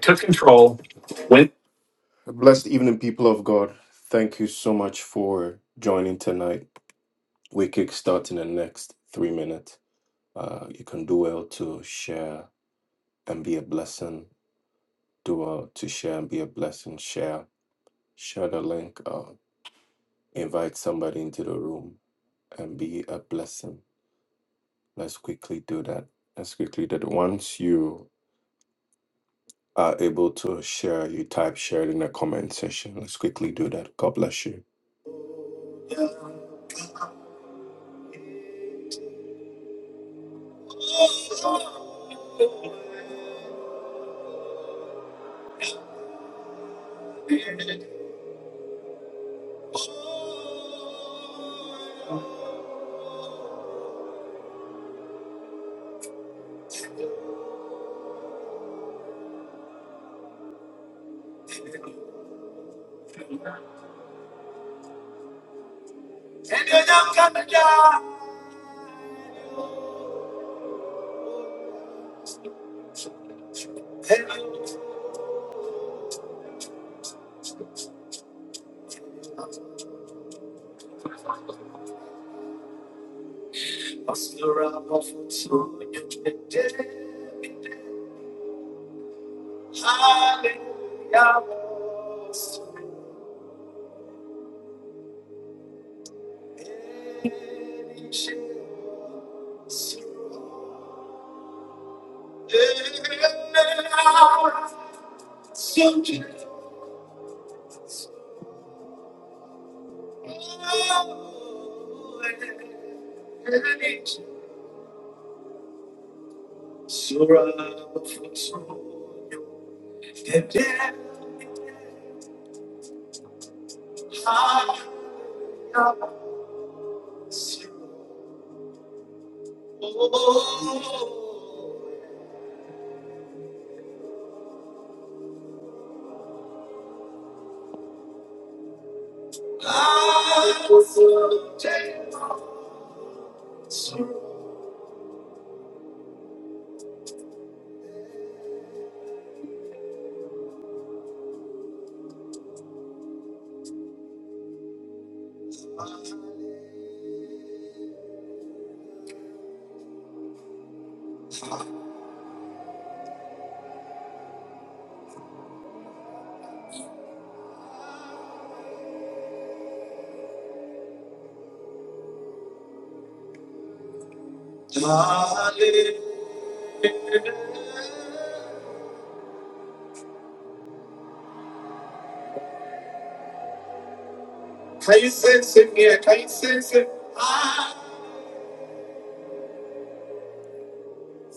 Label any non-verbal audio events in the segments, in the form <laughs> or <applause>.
took control, went. Blessed evening, people of God. Thank you so much for joining tonight. We kickstart in the next three minutes. Uh, you can do well to share and be a blessing. Do well to share and be a blessing. Share, share the link. Uh, invite somebody into the room and be a blessing. Let's quickly do that. Let's quickly do that. Once you are able to share, you type share in the comment section. Let's quickly do that. God bless you.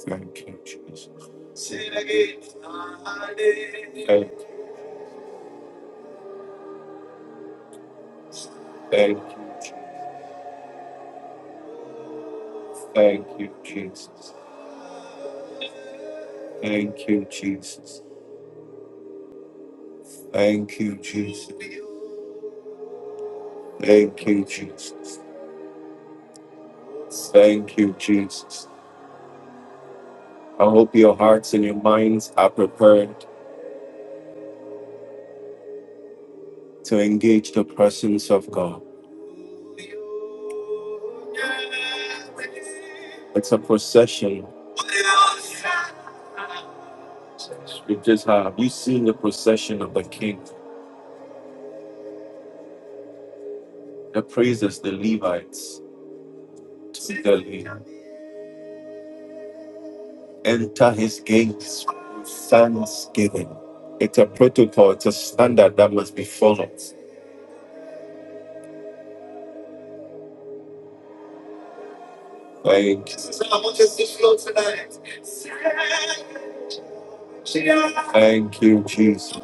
Thank you, Jesus. Thank you, Jesus. Thank you, Jesus. Thank you, Jesus. Thank you, Jesus. Thank you, Jesus. Thank you, Jesus. I hope your hearts and your minds are prepared to engage the presence of God. It's a procession you just have. You've seen the procession of the King, the praises, the Levites. Enter his gates with thanksgiving. It's a protocol, it's a standard that must be followed. Thank you, Jesus.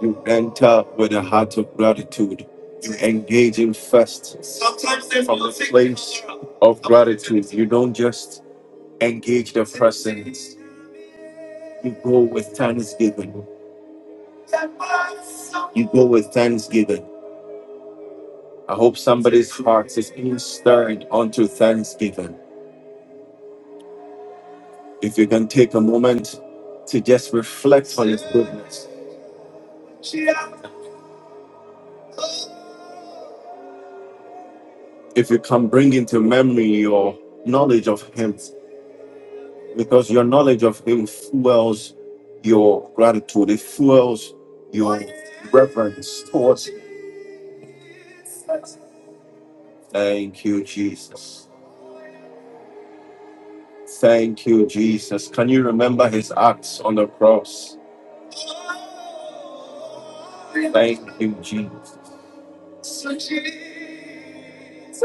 You enter with a heart of gratitude. You engage in first of you don't just engage the you go with thanksgiving. You go with thanksgiving. I hope some hearts is being stirred onto thanksgiving. If you can take a moment to just reflect, if you can bring into memory your knowledge of him, because your knowledge of him fuels your gratitude. It fuels your reverence towards Thank you, Jesus. Thank you, Jesus. Can you remember his acts on the cross? Thank you, Jesus.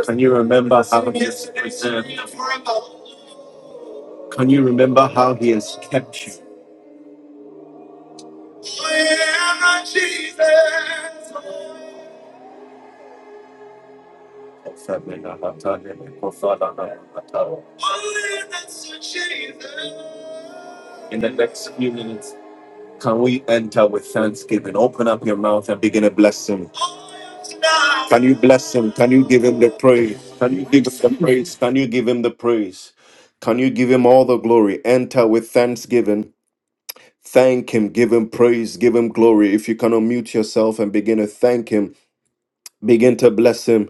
Can you remember? Can you remember how he has kept you? In the next, can we enter with thanksgiving? Open up your mouth and begin to bless him. Bless him. Can you give him the praise? Can you give him the praise? Can you give him the praise? Can you give him all the glory? Enter with thanksgiving. Thank Him, give Him praise, give Him glory. If you can unmute yourself and begin to thank Him, begin to bless Him,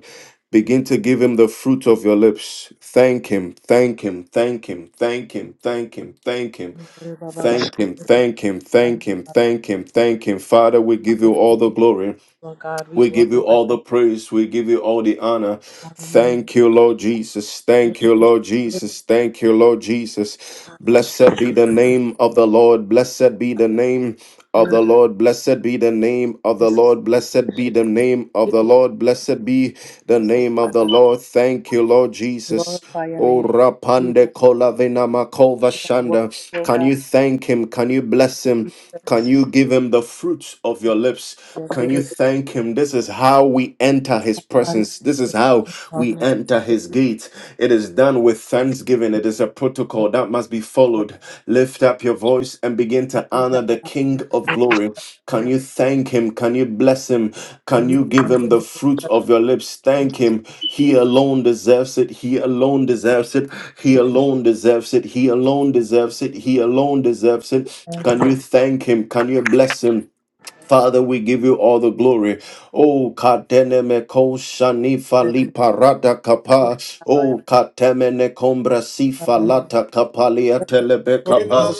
begin to give Him the fruit of your lips. Thank Him, thank Him, thank Him, thank Him, thank Him, thank Him. Lord Thank him, thank him, thank him, thank him, thank him. Father, we give you all the glory. God, we We give you glorify you. all the praise. We give you all the honor. Lord, Thank you, Lord Jesus. Thank you, Lord We Jesus. Thank you, Lord Jesus. Blessed be the name of the Lord. Blessed be the name of the honor Lord. Blessed be the name of the this. Lord. Blessed be the name of We the Lord. Blessed be the name of the Lord. Thank you, Lord Jesus. Glorify your O name. We rapande want kolavina makova you are worthy, shanda. O Can God. you thank him? Can you Thank bless him? you, Can Jesus. you give him the fruits of your lips? Can Lord, you we thank him? This is how we enter his honor you. presence. This is how Bless we enter his gate. It is done with thanksgiving. It is a protocol that must be followed. Lift up your voice and begin to honor the King of glory. Can you thank him? Can you bless him? Can you give him the fruit of your lips? Thank him. He alone deserves it. He alone deserves it. He alone deserves it. He alone deserves it. He alone deserves it. Can you thank him? Can you bless him? Father, we give you all the glory. O kateneme ko shani fali parada kapa. O katemene kombra si falata kapalia telebe kapa.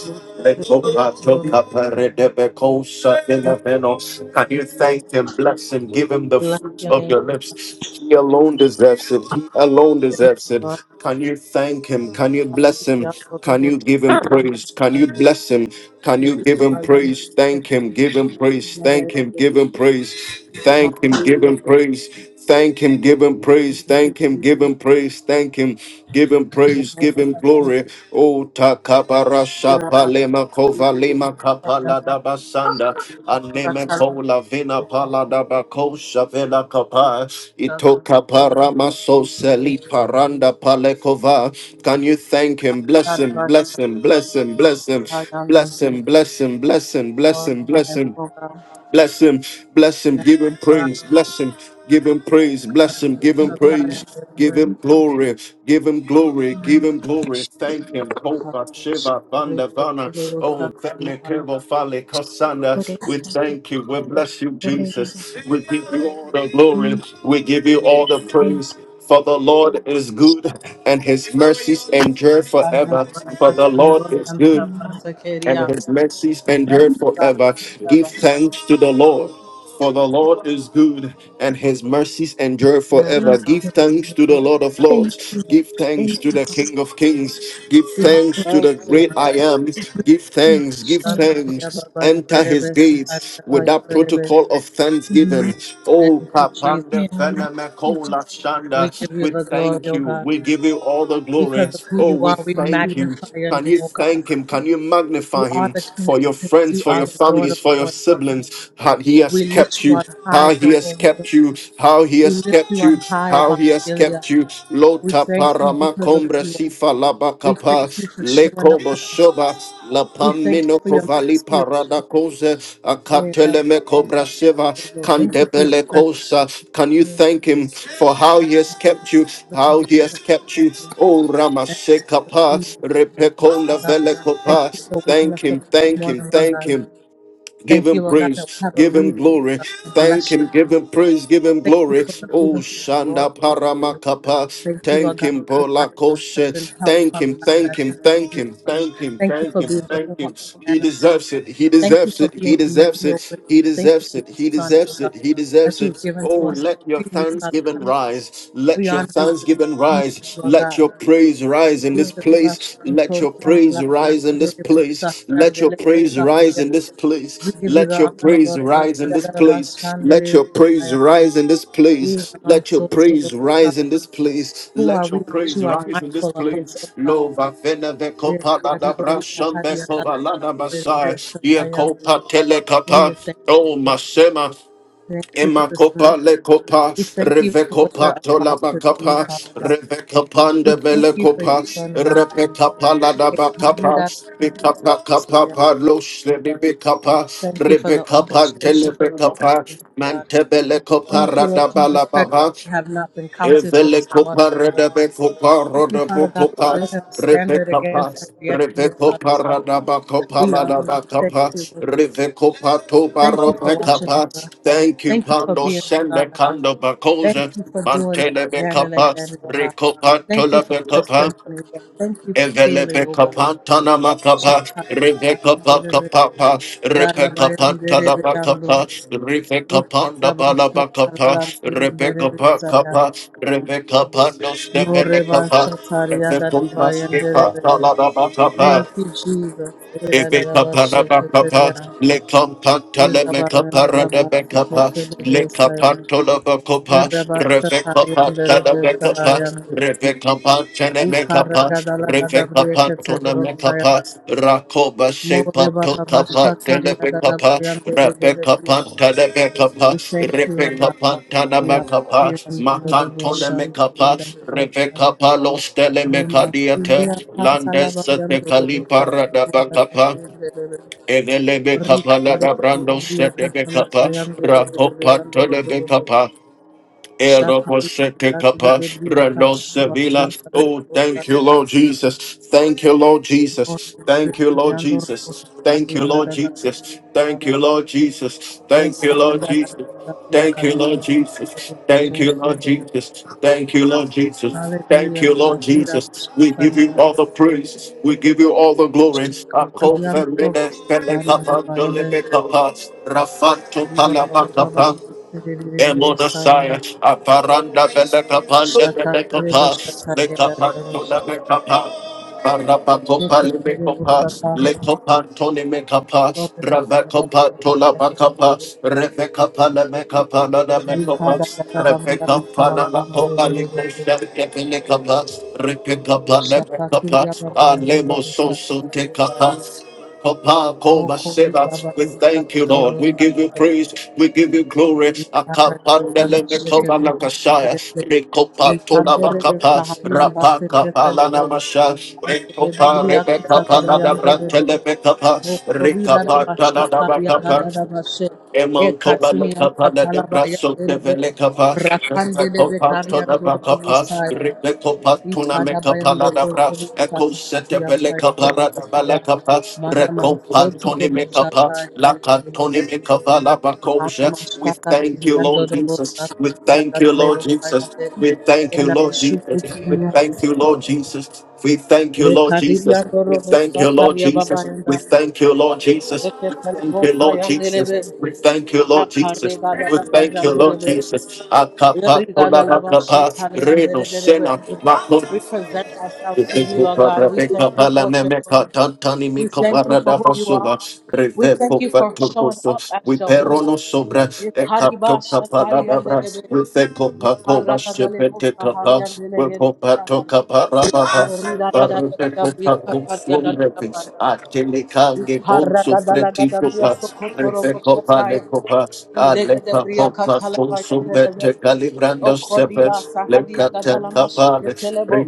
Lekopato kaparedebe ko sa eleveno. Can you thank him, bless him, give him the fruit your of name. your lips? He alone deserves it. He alone Thank deserves you, it. Lord. Can you thank him? Can you bless him? Can you give him praise? Can you bless him? Can you give him praise? Thank him. Give him praise. Thank him. Give give him praise. Thank him, give him praise. Thank him, give him praise. Thank him, give him praise. Thank him, give him praise. Give him glory. Oh, takabara shapa lema kova lema kapala da basanda. Aneme pola vina pala da bakosha vela kapa. Itoka parama so seli paranda palekova. Can you thank him? Bless him, bless him, bless him, bless him. Bless him, bless him, bless him, bless him, bless him. Bless him, bless him, give him praise, bless him, give him praise, bless him, give him Thank praise, you, thank give him you, glory, give him glory, give thank him glory. Thank him, Kopa Shiva Vanda Vana. Oh, Vene Kevo Fale Kosanda. We thank you, we bless you, Jesus. We give you all the glory, we give you all the praise. For the Lord is good, and his mercies endure forever. For the Lord is good, Thank you. and his mercies Thank endured you, forever. Give Baba. thanks to the Lord. For the Lord is good and his mercies endure Yeah, forever. Baba. Give thanks to the Lord of you, Lords. Give thanks thank to you. the King of Kings. Give We are thanks grateful. to the great Lord. I am. Give thanks, give I am, Shakaria thanks. Baba Enter his Yanderebe, Samaria gates with Baba that Yanderebe. protocol of thanksgiving. Thank Oh, you, Jesus. I am, Kapanda I am. Fenamekola We Shanda, give you we the glory, thank O you. God. We give you all the Because glory. of who Oh, you we are, we thank you. magnify your Can name, you O God. thank him? Can you You magnify are him the King for your of Kings. friends, You for are your the Lord families, of for your Lords, O siblings? God. problems, how he has We kept lift you you. on high, How he has Jehovah God. kept you, how he We has lift you kept you, on high how above he has Gilead. kept you. We Lota thank you parama because of combra who you are. sifa We thank labakapa, you for showing up lekobo for us. shoba, la We thank you pamino for your kovali mercy, O parada Jesus. cose, Thank akateleme cobra seva, you for your candebele presence. kosa Thank Can you thank him for how he has you kept you, how he has kept you? Oh, Ramaseka for pa, Jesus. repecola Thank velecopa. you for waking us Thank up him, this thank him, morning, Lord thank God. him, Give Thank him you, Lord God, that we praise, have a give him reason Lord glory, God, to thank bless you. him, give him praise, give him Thank you glory. for the Oh, reason to glory. Shanda Paramakapa, Thank you, Lord thank God, him, for being Bola our present Koshe, help, thank Father him, God, in thank our him, time of thank need, him, Lord. thank him, Thank you thank for him, being thank Jehovah our him. He banner, Father deserves God. it, he Thank you deserves for it, he being deserves it, Emmanuel with he us. Thank you deserves for it, your he Son, O deserves God, it, he deserves that you've it. given Oh, to us let your freely, Father thanksgiving God. rise, We let your honor you this thanksgiving evening, rise, Lord let God. your praise praise rise in We this place. Let your praise rise in this place. Let your praise rise in this place. give you Let your the honor, praise Lord God. rise in this place. Let your praise rise in this place. Let your praise rise in this place. Who are Let we your that praise you are rise in this mindful of us, place. O God? Lova vena We are vekopa la da Kadibo brasham Sahadi vesova la da masai. Ye Sahayan. kopa We are telekapa. thankful, Oh, Lord. Masema, Thank you for this word. Emakopa Lord. lekopa, We thank you for what revekopa you're about to do, tolabakapa, Father God. We revekapande thank you for belekopa, your son, Lord. repekapa We carry ladabakapa, that bikapa kapa Messiah. paloshne bikapa, Thank you for the rebekapa orchestration of your telebekapa, service, Lord. mantebelekopa Thank you, Lord Jesus Christ, that radabalababa, we have not been counted for Evele the slaughter, copa Father. God. redebe copa Thank you, roda Father God, for copa raising a rebe standard capa against every rebe enemy, copa Father God. radaba copa We honor you. ladaba Thank capa you, Lord. rebe copa toba Thank you for robe watching capa. over us. Thank you, Thank you for Pando being our Sende God. Kando Thank Bakosa, you for doing it Mantele again and Becapa, again, oh God. Recopa Thank you Tola for Becapa, testimony, oh God. Thank you for Evelebe healing, oh God. kapantana makapa, Rebecca Shakabayamderebe, pakapapa, Rebecca pantana darabayamderebeyamdo, makapa, Rebecca panda balabakapa, Rebecca ikarabashatalabayamderebe pakapa, Rebecca pando stefele kapa, Rebecca maske morebashatariyadarabayamderebe. pantana makapa, Thank you, Jesus. Ebekaparabakapa, Erarabasheketeria, Lekampantalemekaparadabekapa, irabayamdalabaseketelebosaya. We Lekapantolabakapa, thank you, O God. Rebekapantalabekapa, Rebekapantalemekapa, Rebekapantolemekapa, Shepa tota pa telebe kapa repe kapa telebe kapa repe kapa tanama Yeah, kapa and makan Dodobo tole Shat, me kapa Yadabo, repe kapa los tele me kadiate Remasulia, landes Kansalaba, and te kali Dodobo Shat, para da ba kapa Yadabo, evelebe kapa Rika, la da Dodobo, brando se de be Kansalaba, kapa and Dodobo, rakopa and tolebe Dodobo, kapa Shat, Erobosetekapa, Yadabo, Ranosevila. Oh, thank you, Lord Jesus. Thank you, Lord Jesus. Thank you, Lord Hallelujah, Jesus. Thank you, Lord Jesus. Thank you, Lord Jesus. Thank you, Lord Jesus. Thank you, Lord Jesus. Thank you, Lord Jesus. Thank you, Lord Jesus. Thank you, Lord God. Mira Jesus. We give buscataria you all the de praise. We give you all the glory. Ako Shakatiriandro femine, fele buscataria de kapa, dole Bayande. me kapa, rafato Viva palama Baba Baba kapa, Shakatiri de Emodosaya, Sayanda. Aparanda Beleka Panda Beleka Shakatiri Pass, buscataria de Lekapanto Rosata. Lebeka Pass. Barabakopa Shakatiri Limekopa, buscataria. Lekopantoni Mekapa, Dobe Baba Baba Rabakopa Tola Shakatiri Bakapa, Rebecca de Palameka Panana Mekopa, Ricarda Gabria Rebecca Catalaba Panana Kopa Limesha Kepinekapa, Rebecca Panemekapa, Shakakiria Babayan Alemo Sosun Sakata Tekapa, Papa, Koba, Moko Sheba, Ribaba we thank you, Lord. Sakdebo We give you Sakde praise. We give you glory. Ricarda Akapandele Catalama mekoba Shakakiria nakashaya. Rekopa tola Rikandere bakapa. Saharian Rapa Bakse kapala Ketelbo namasha. and the Rekopa Gabria rebekapa Catalabayan Dede nadabrantele bekapa. Moko Rida Rekapa Basha Taria tanadabakapa. Gada Bashe E Emantobalo Katunian Capana de Catalabayan Brasso de Dede Velecava, Rakandele bekarian Vacopantona dodo Bacapa, bosaya. Ripecopatuna Ikada bayando Mecapala da robo Bras, Eco shaka Sete ya bayando Velecapara robo da saya Balacapa, mara mansoto Recompantoni robo Mecapa, shaka ya Lacantoni Mecavala ikada Bacoja. We mashaka thank you, tiyando Lord robo Jesus. shaka We ya thank you, dadale Lord robo saya Jesus. de We thank you, ena Lord shuku Jesus. We tinya thank you, Lord Jesus. We thank you, Lord rekadi Jesus. yando We robo thank you, shaka Lord ya Jesus. baba We yanda thank you, Lord Jesus. eke tele We thank you, robo Lord saya Jesus. nderebe We thank you, Lord Jesus. akare kada We da thank you, bayando Lord rebe Jesus. Akapa eri kada la bashaka kolabakapa ya reno sena nderebe We present we ourselves to you, perono Lord God. We thank you for what you're doing. We thank you for who you are. We thank you for showing up as Jehovah. sobra e capto Ikariba shatari capalabras andelebe. with the copa coba Ikaranagalebo stupete sahari capa, we andelebe. copa to caparabas, Morida da da da da barrete da bria copa kakari da consum da da ba. refis, atelica gegonzo freti Ikaranagalagada bria copa, refe sokotorobo copa le shataya. copa, Indegede alepa bria copa katalaba yandelebe. consumete calibrando sepe Okodiba sahadia gadala Lekatekapale, mashiketelebo.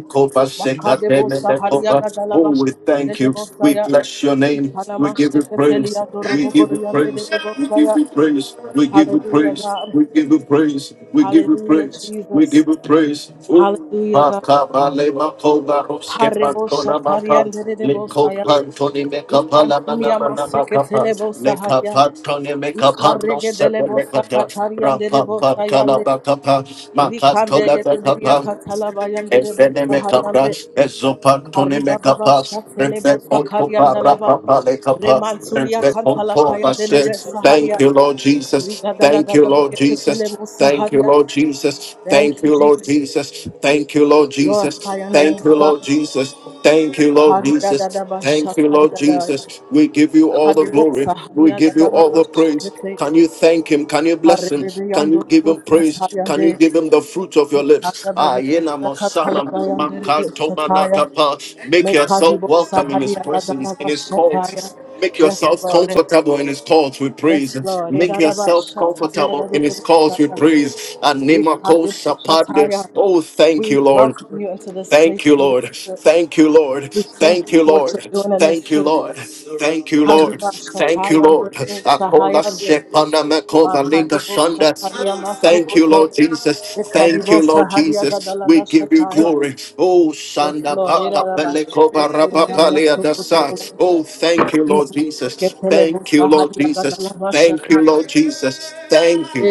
Makadebo sahadia gadala Oh, we thank you. We bashiketelebo bless your name. We give you praise. We give you praise. We give you praise. We give you Hallelujah, praise. God. We give you praise. We give you Hallelujah, praise. We Jesus. give you praise. Oh, Hallelujah, God. Makabale makoba roske Harebo pantona maka Shatarian de leko Bosaya. pantoni meka pala mana Ikantunia mana makapa Maseketele leka Bosaharia. pantoni meka pando Ikarege dele sepe meka da Bosakatarian de rapa pantala makapa Kareboshatariandedebosaya. makato Ikantuniyamaseketelebosahaya. da Ikaregedelebosakatariandedebosayande. Rikandegedebriakatalabayandedebosahayande. Efenemekapas, Ezopantonemekapas, Karibababashateleposakariandalaba. Refekotoparapapalekapas, Remantulia kantala Refekotobase. payandelebe Thank saharia. you, Lord Jesus. Thank you, Lord Brigadalagadabria Jesus. Thank you, Lord Jesus. Thank Thank you, you, Lord Jesus. Jesus. Thank you, Lord Jesus. Glorify your name, Thank O you, God. Lord Jesus. Thank you, Lord Jesus. Thank you, Lord Karidadadabashatadadaya. Jesus. We give you all the glory. We give you all the praise. Kadebosahadiagadalabashikete. Can you thank him? Can you bless him? Can you give him praise? Can you Harebebeyandorobosatayande. give him the fruit of your lips? Ayena Mosama Mikadabegebriakatalabayanderebeshataya. Mankantomanakapa. Make yourself welcome in his presence, in his Mekadibosahadiagadalabashataya. courts. Make Yes, yourself Lord. comfortable in his courts with Yes, praise. Lord. Make yourself comfortable in his courts with Erarabashatayadadebosaya. praise. Anima Kosa Ikariboshataya. Padres. Oh, thank We you, Lord. welcome you into this place, Thank you, Holy Lord. Spirit. Thank you, Lord. We thank Thank you you, for what Lord. you're doing in Thank this you, place. Lord. Thank you, Lord. Thank you, Haribashatayande, Lord. Akola Shahayande, shepana mekova linga shanda. Makariboshataya Thank you, Masukoto, Lord Jesus. Thank you, Lord Ikaribosahadia Jesus. We give you Gadalabashataya. glory. Oh, Yes, shanda Lord. baka pelekova rapapalia dasa. Irarabashiketeriamosukoto, Oh, thank you, Lord Jesus. Thank you, Lord Inamashiketelebosahadia Jesus. Thank you, Gadalabashataya. Lord Jesus. Thank you.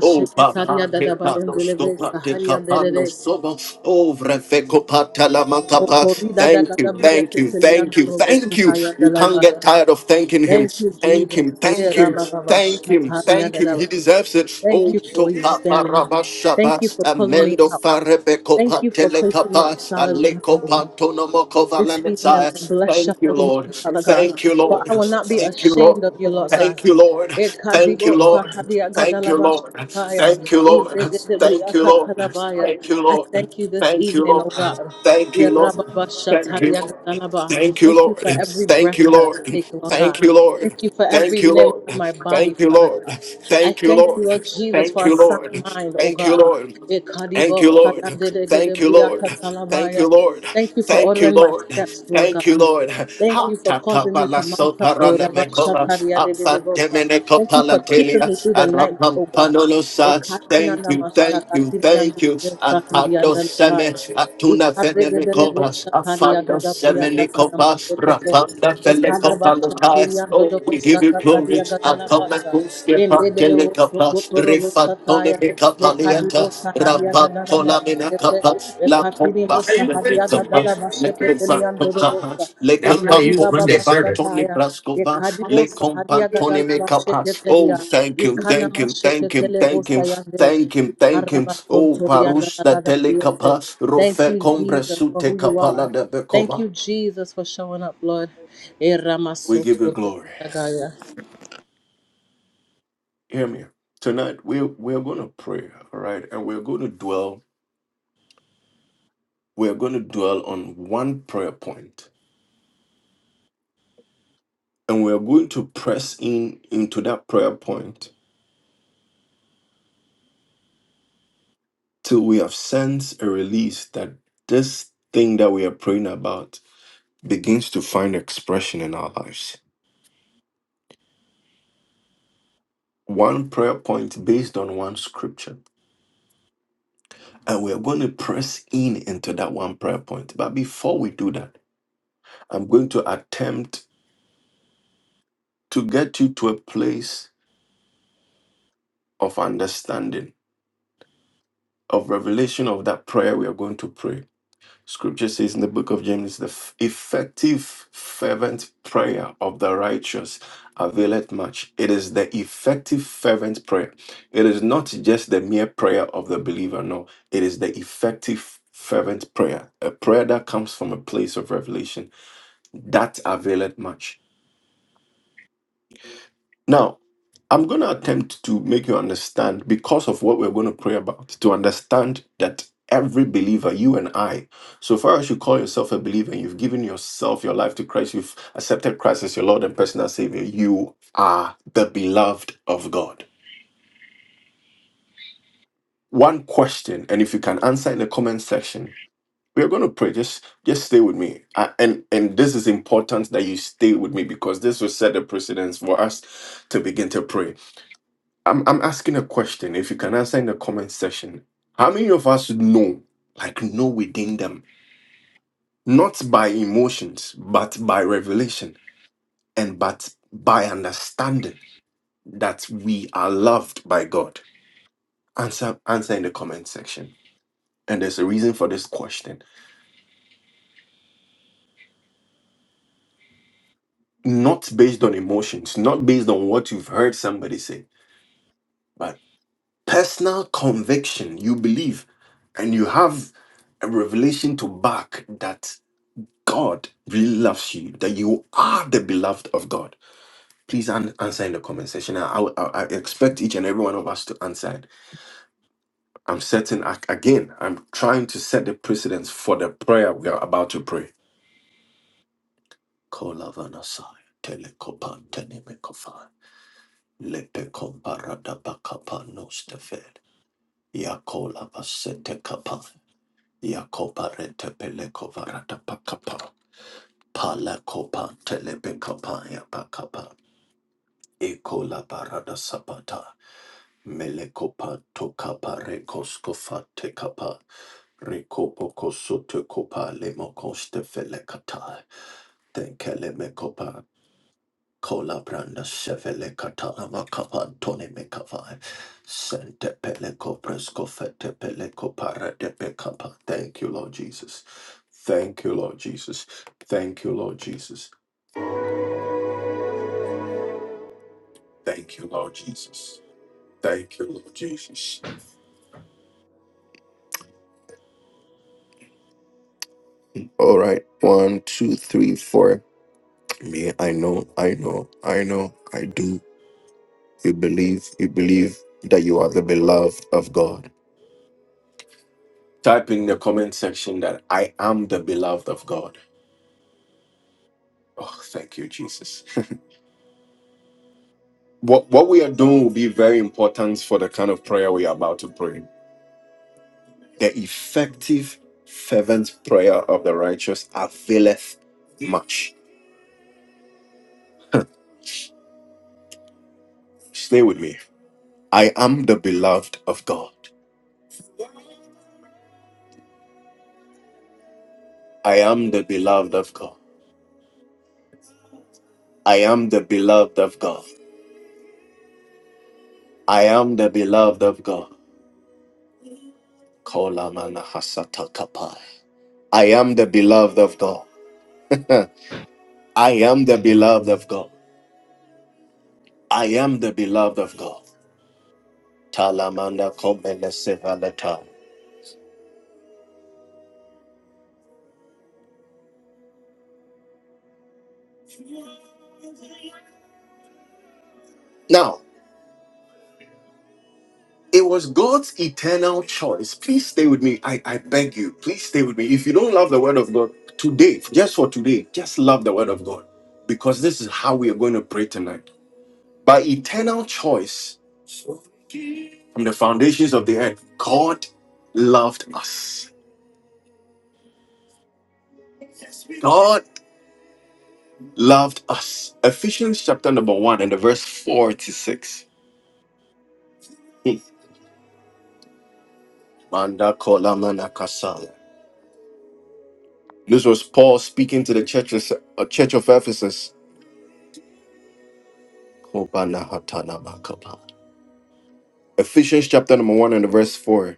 Oh, Papande Panosto Dadabayandelebe, Patecapano Sahariandelele. Sobo, Oh, Refeco Patalamakapa. Mokorida da Thank you, gadabria thank you, ketelian thank you, durobo thank you. sahaya You can't get dalabaya. tired of thanking him. Thank you, Thank Jesus. him, thank Eh, him, rabababa, thank him, shataria thank him. He dadaba. deserves it. Thank Oh, you for where you stand. Thank Topaparabashaba, you for pulling me Amendo out. Farebeco Thank you for placing me Patelecapa, on solid Aleco ground Pantonomoko this evening. Valenetsa. I bless your Thank you, holy Lord. name, Father God. Thank you, For Lord. I will not be Thank you, Lord. ashamed of you, Lord God. Thank you, Lord. Thank you, Ekadibo Lord. sahadia Thank you, Lord. gadalabashakaya, Thank you, Lord. Thank you, Lord. idegedebriakatalabaya. Thank you, I Lord. thank you this Thank you, evening, O Lord. God. Thank you, Lord. Thank you, Yerababashataria Lord. gadalaba. Thank you, Thank you Lord. for every Thank you, breath that I Lord. take, Lord Thank God. you, Lord. Thank you for Thank every you, limb Lord. on my body, Thank you, Father Lord. God. I Thank you, thank you, Lord. Lord Jesus, Thank for a you, sound Lord. mind, O Thank you, God. Lord. Thank you, Ekadibo Lord. Thank you, sayandedegedebria Lord. Thank you, katalabaya. Lord. Thank you for Thank you, ordering my Lord. steps, Lord Thank you, God. Lord. Thank Ha you for ta ta causing ba me la to so mount up, para O la Rabba me cola. Shataria de de de Apsa de me Bosa. ne Thank copa you la for keeping telia. me through the night, Arapam O God. panolosa. Ekadina Thank you, thank namashaka you, thank tiriandele you besakariandele seme, baya. atuna fene me Ikarregedele copa, boşa tariya afanda gada priya seme le kasada maşetete. rapanda fele Ekada başa lutai. tiriya Oh, dodo we boşa give you glory. katariya gada la Akama başa. kuske Endedele pakele boşa copa, kotoro boşa refatone taya. me copa Mekadi liata, boşa hadiya gada la rapatola me maşetete. la Ekatini copa, boşa hadiya gada la maşetete niyan dodo boşa. Ekari baba başa taya. Ekadibosa hadia gadala Oh, basheketelia. thank him, Ikana thank him, thank him, masheketele thank bosa him, yande. thank him, thank Ikara him. Oh, basontoria Parusta gadagada biyese. Telekapa, Thank Rofe you, Combre Jesus, for who Sute you are. Kapala de Thank Bekova. you, Jesus, for showing up, Lord. We give you Eramasotoria glory. gadagaya. Hear me. Tonight we we are gonna pray, all right, and we're gonna dwell, we're gonna dwell on one prayer point, and we're going to press in into that prayer point till we have sensed a release that this thing that we are praying about begins to find expression in our lives. One prayer point based on one scripture, and we are going to press in in that one prayer point. Before we do that, I'm going to to get you to a place of understanding, of revelation of that prayer we are going to pray Scripture says in the book of James, the f- effective, fervent prayer of the righteous availeth much. It is the effective, fervent prayer. It is not just the mere prayer of the believer, no. It is the effective, fervent prayer, a prayer that comes from a place of revelation that availeth much. Now, I'm going to attempt to make you understand because of what we're going to pray about, to understand that every believer, you and I, so far as you call yourself a believer and you've given yourself, your life to Christ, you've accepted Christ as your Lord and personal Savior, you are the beloved of God. One question, and if you can answer in the comment section, we are going to pray. Just, just stay with me, Uh, and and this is important that you stay with me because this will set the precedence for us to begin to pray. I'm I'm asking a question. If you can answer in the comment section, how many of us know, like know within them, not by emotions, but by revelation and but by understanding that we are loved by God? Answer answer in the comment section. And there's a reason for this question. Not based on emotions, not based on what you've heard somebody say, but personal conviction. You believe and you have a revelation to back that God really loves you, that you are the beloved of God. Please an- answer in the comment section. I, I, I expect each and every one of us to answer it. I'm certain, I, again, I'm trying to set the precedence for the prayer we are about to pray. Kolavanasai, telekopan tenemekofai, lepekombaradabakapa nostefed, yakolavasetekapai, yakoparetepelekovaradabakapa, palakopan telepekapayabakapa. Ekola barada sapata. Melekopa tokapa rekoskofa tekapa. Rekopo kosote kopa lemokoste felekata. Tenkele mekopa. Kola branda sevele katala makapa tone mekava. Sente peleko presko fete peleko para de pekapa. Thank you, Lord Jesus. Thank you, Lord Jesus. Thank you, Lord Jesus. Thank you, Lord Jesus. Thank you, Lord Jesus. All right. You know, I know, I do. You believe, you believe that you are the beloved of God. Type in the comment section that I am the beloved of God. Oh, thank you, Jesus. <laughs> what what we are doing will be very important for the kind of prayer we are about to pray. The effective, fervent prayer of the righteous availeth much. Stay with me. I am the beloved of God. I am the beloved of God. I am the beloved of God. I am the beloved of God. Kolamana hasata kapai. I am the beloved of God. <laughs> I am the beloved of God. I am the beloved of God. Talamanda komene sevalata. Now, it was God's eternal choice. Please stay with me. I, I beg you, please with me. If you don't of God today, just for today, just love the word of God. Because this is how we are going to plan. By eternal choice, from the foundations of the earth, God loved us. God. loved us. Ephesians chapter number one and the verse 46. Hmm. Manda kola mana kasala. This was Paul speaking to the churches, uh, church of Ephesus. Kobana hatana makapa. Ephesians chapter number one and the verse four.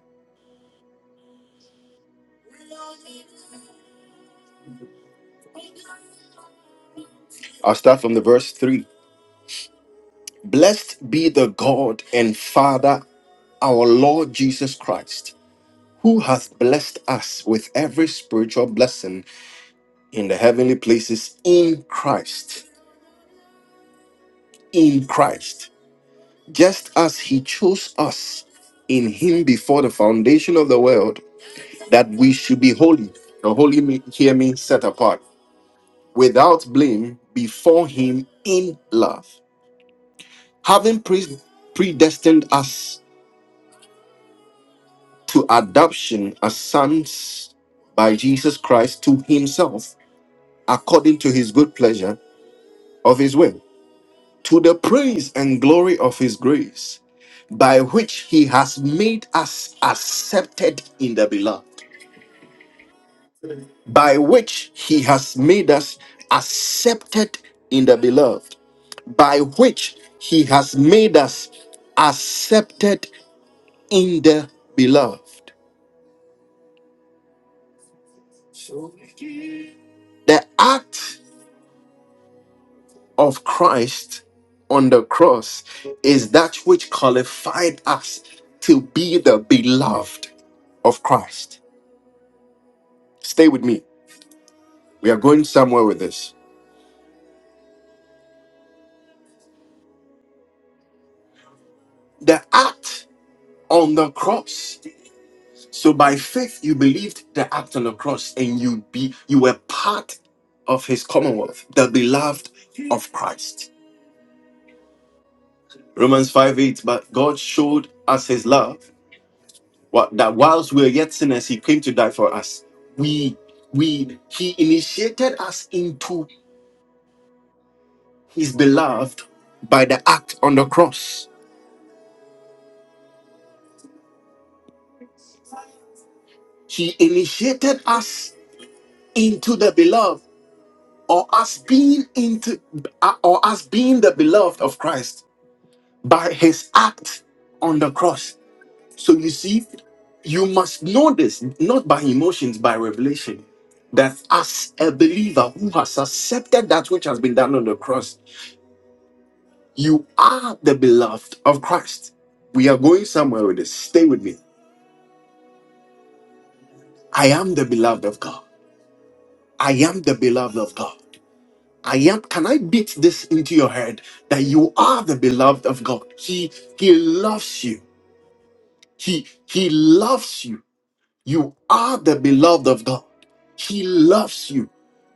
I'll start from the verse three. Blessed be the God and Father, our Lord Jesus Christ, who hath blessed us with every spiritual blessing in the heavenly places in Christ. In Christ just as he chose us in him before the foundation of the world that we should be holy now holy me, hear me set apart without blame before him in love having pre- predestined us to adoption as sons by jesus christ to himself according to his good pleasure of his will to the praise and glory of his grace by which he has made us accepted in the beloved by which he has made us accepted in the beloved, by which he has made us accepted in the beloved. The act of Christ on the cross is that which qualified us to be the beloved of Christ. Stay with me. We are going somewhere with this. The act on the cross So by faith you believed the act on the cross and you be you were part of his commonwealth, the beloved of Christ. Romans 5 8, but God showed us his love, what that whilst we were yet sinners, he came to die for us. We we he initiated us into his beloved by the act on the cross. He initiated us into the beloved or us being into uh, or us being the beloved of Christ by his act on the cross. So you see, you must know this, not by emotions, by revelation, that as a believer who has accepted that which has been done on the cross, you are the beloved of Christ. We are going somewhere with this. Stay with me. I am the beloved of God. I am the beloved of God. I am. Can I beat this into your head that you are the beloved of God? He He loves you. He He loves you You are the beloved of God. He loves you.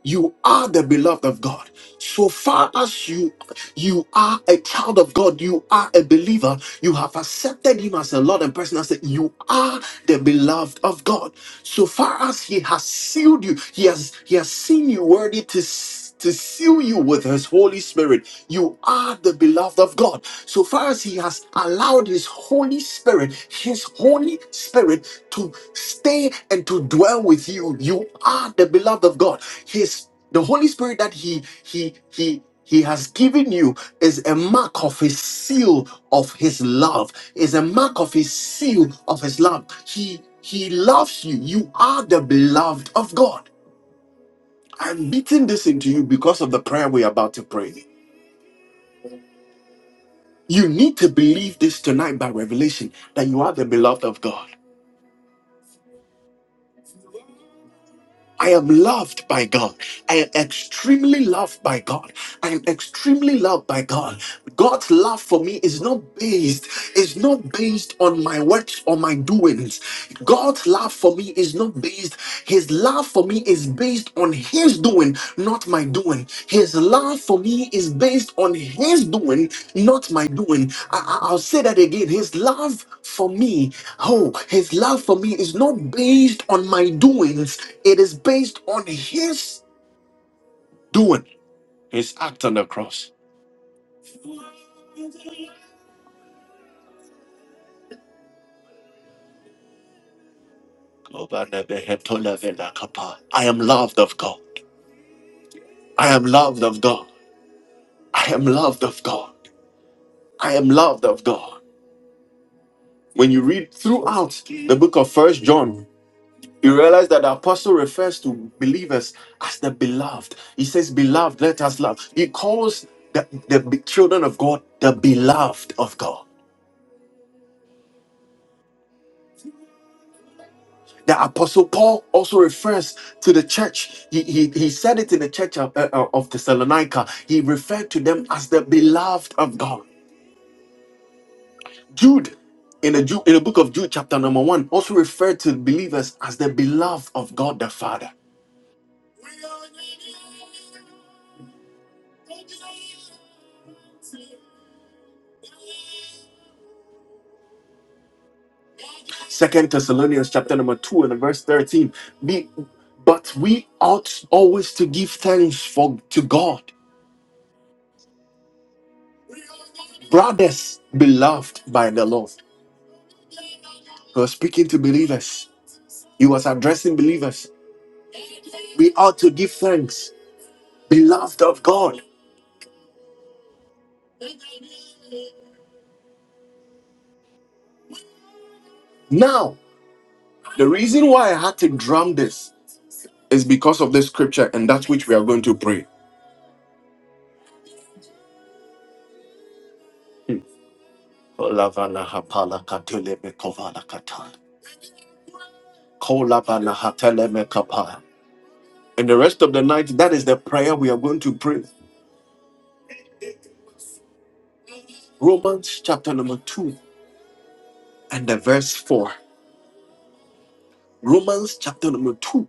You are the beloved of God. So far as you you are a child of God, you are a believer, you have accepted him as a Lord and personal said, you are the beloved of God. So far as he has sealed you, he has he has seen you worthy to s- to seal you with his Holy Spirit. You are the beloved of God. So far as he has allowed his Holy Spirit, his Holy Spirit to stay and to dwell with you. You are the beloved of God. His the Holy Spirit that He He He He has given you is a mark of His seal of His love. Is a mark of His seal of His love. He He loves you. You are the beloved of God. I'm beating this into you because of the prayer we're about to pray. You need to believe this tonight by revelation that you are the beloved of God. I am loved by God. I am extremely loved by God. I am extremely loved by God. God's love for me is not based, is not based on my works or my doings. God's love for me is not based, his love for me is based on his doing, not my doing. His love for me is based on his doing, not my doing. I, I- I'll say that again. His love for me, oh, his love for me is not based on my doings, it is based on his doing, his act on the cross. I am loved of God. I am loved of God. I am loved of God. I am loved of God. When you read throughout the book of First John, You realize that the apostle refers to believers as the beloved. He says, Beloved, let us love. He calls the, the be- children of God the beloved of God. The apostle Paul also refers to the church. He, he, he said it in the church of, uh, uh, of Thessalonica. He referred to them as the beloved of God. Jude, in the, Ju- in the book of Jude, chapter number one, also referred to believers as the beloved of God the Father. Second Thessalonians chapter number two and verse thirteen. Be, but we ought always to give thanks for to God, brothers beloved by the Lord. He was speaking to believers. He was addressing believers. We ought to give thanks, beloved of God. Now, the reason why I had to drum this is because of this scripture and that's which we are going to pray. Kolavana hapala katele mekovala kata. Kolavana hatele mekapa. And the rest of the night, that is the prayer we are going to pray. Romans chapter number 2 and the verse 4. Romans chapter number 2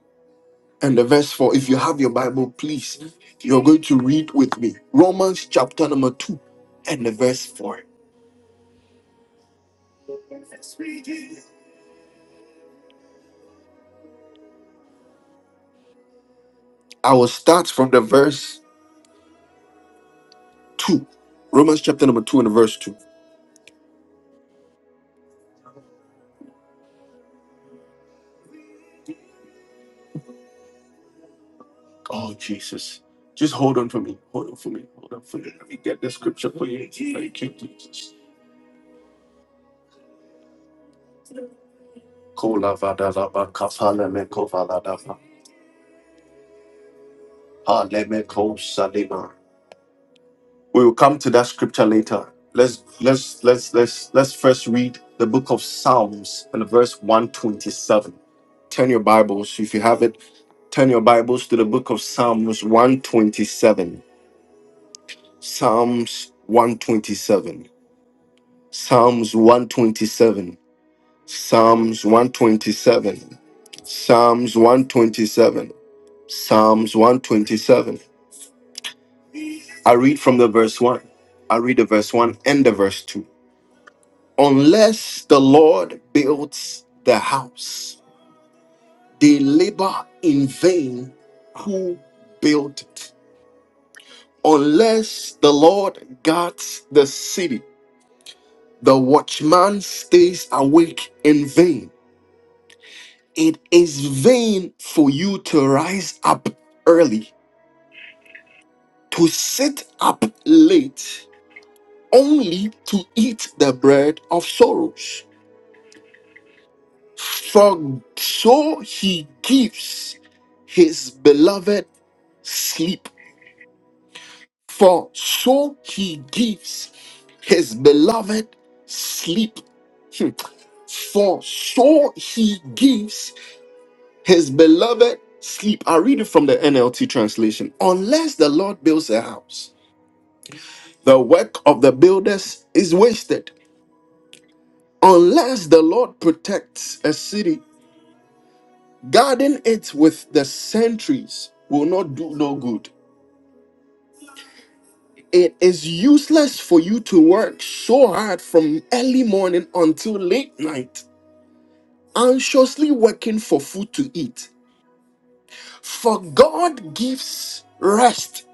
and the verse 4. If you have your Bible, please, you're going to read with me. Romans chapter number 2 and the verse 4. I will start from the verse 2. Romans chapter number 2 and the verse 2. Oh, Jesus. Just hold on for me. Hold on for me. Hold on for me. Let me get the scripture for you. Thank you, Jesus. Alemekosadema. We will come to that scripture later. Let's let's let's let's let's first read the book of Psalms and verse 127. Turn your Bibles, if you have it, turn your Bibles to the book of Psalms 127. Psalms 127. Psalms 127. Psalms 127. Psalms 127. Psalms 127. I read from the verse 1. I read the verse 1 and the verse 2. Unless the Lord builds the house, they labor in vain who built it. Unless the Lord guards the city, the watchman stays awake in vain. It is vain for you to rise up early, to sit up late, only to eat the bread of sorrows. For so he gives his beloved sleep. For so he gives his beloved sleep. Hmm. For so he gives his beloved sleep. I read it from the NLT translation. Unless the Lord builds a house, the work of the builders is wasted. Unless the Lord protects a city, Guarding it with the sentries will not do no good. It is useless for you to work so hard from early morning until late night, anxiously working for food to eat. For God gives rest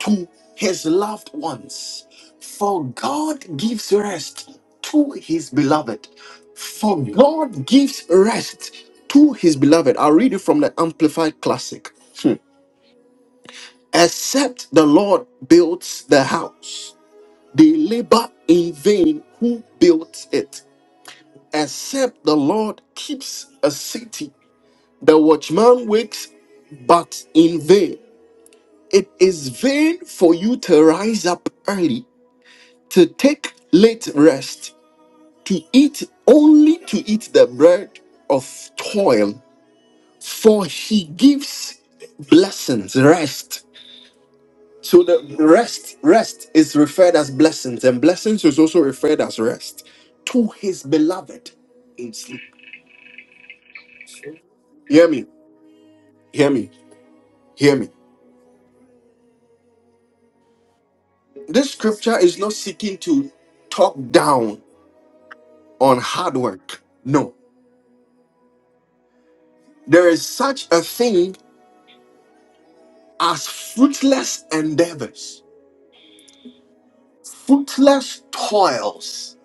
to his loved ones. For God gives rest to his beloved. For God gives rest to his beloved. I'll read it from the Amplified Classic. Except the Lord builds the house, they labor in vain who built it. Except the Lord keeps a city, the watchman wakes but in vain. It is vain for you to rise up early, to take late rest, to eat only to eat the bread of toil, for he gives blessings, rest So the rest, rest is referred as blessings, and blessings is also referred as rest to his beloved in sleep. Hear me, hear me, hear me. This scripture is not seeking to talk down on hard work. No, there is such a thing as fruitless endeavors, fruitless toils.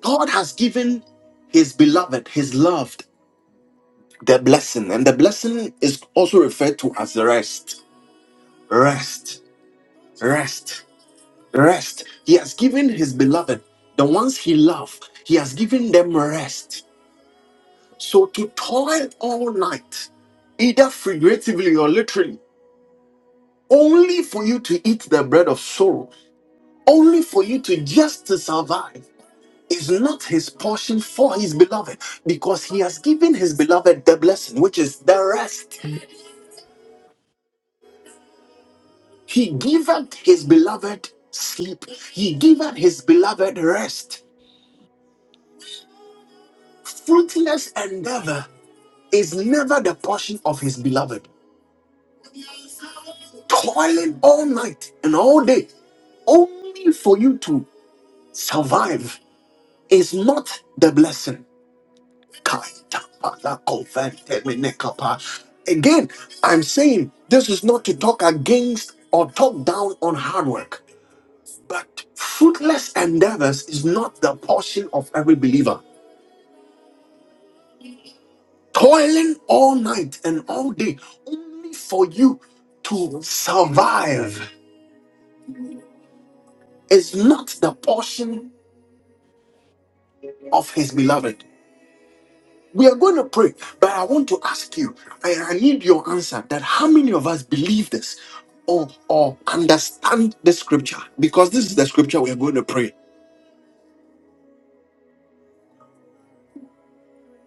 God has given his beloved, his loved, the blessing, and the blessing is also referred to as rest. Rest rest rest he has given his beloved the ones he loved he has given them rest so to toil all night either figuratively or literally only for you to eat the bread of sorrow only for you to just to survive is not his portion for his beloved because he has given his beloved the blessing which is the rest he giveth his beloved sleep he giveth his beloved rest fruitless endeavor is never the portion of his beloved. Toiling all night and all day only for you to survive is not the blessing. Again, I'm saying this is not to talk against or talk down on hard work, but fruitless endeavors is not the portion of every believer. Toiling all night and all day only for you to survive is not the portion of his beloved. We are going to pray, but I want to ask you, I, I need your answer that how many of us believe this or, or understand the scripture? Because this is the scripture we are going to pray.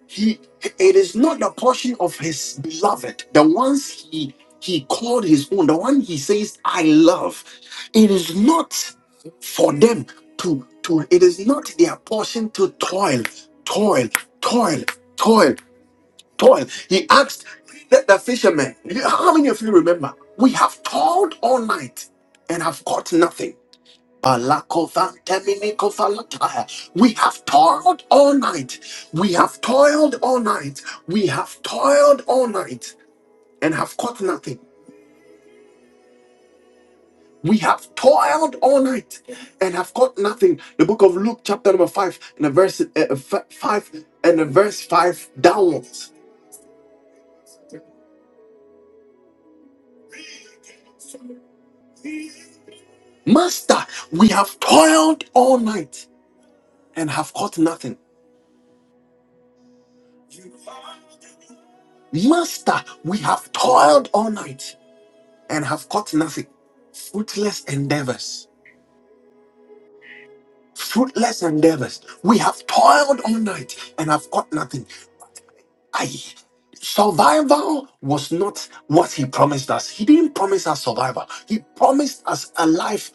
He it is not the portion of his beloved, the ones he he called his own, the one he says, I love. It is not for them to to it is not their portion to toil, toil, toil, toil. toil. He asked the, the fishermen, How many of you remember? We have toiled all night and have caught nothing. Balakofanteminikovalatai. We have toiled all night. We have toiled all night. We have toiled all night and have caught nothing. We have toiled all night and have caught nothing. The book of Luke, chapter number five, and the verse uh, uh, f- five and the verse five downwards. Master, we have toiled all night and have caught nothing. Master, we have toiled all night and have caught nothing. Fruitless endeavors. Fruitless endeavors. We have toiled all night and have caught nothing. I survival was not what he promised us. He didn't promise us survival. He promised us a life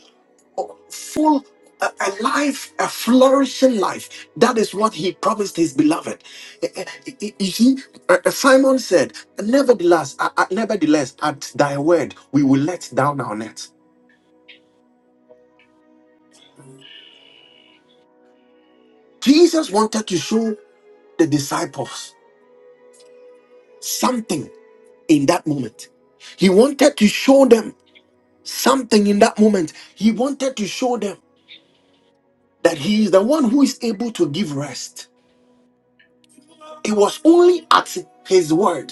full a, a life a flourishing life that is what he promised his beloved Eh, eh, eh, eh, you see eh, eh, simon said nevertheless uh, uh, nevertheless at thy word we will let down our net jesus wanted to show the disciples something in that moment he wanted to show them something in that moment he wanted to show them that he is the one who is able to give rest it was only at his word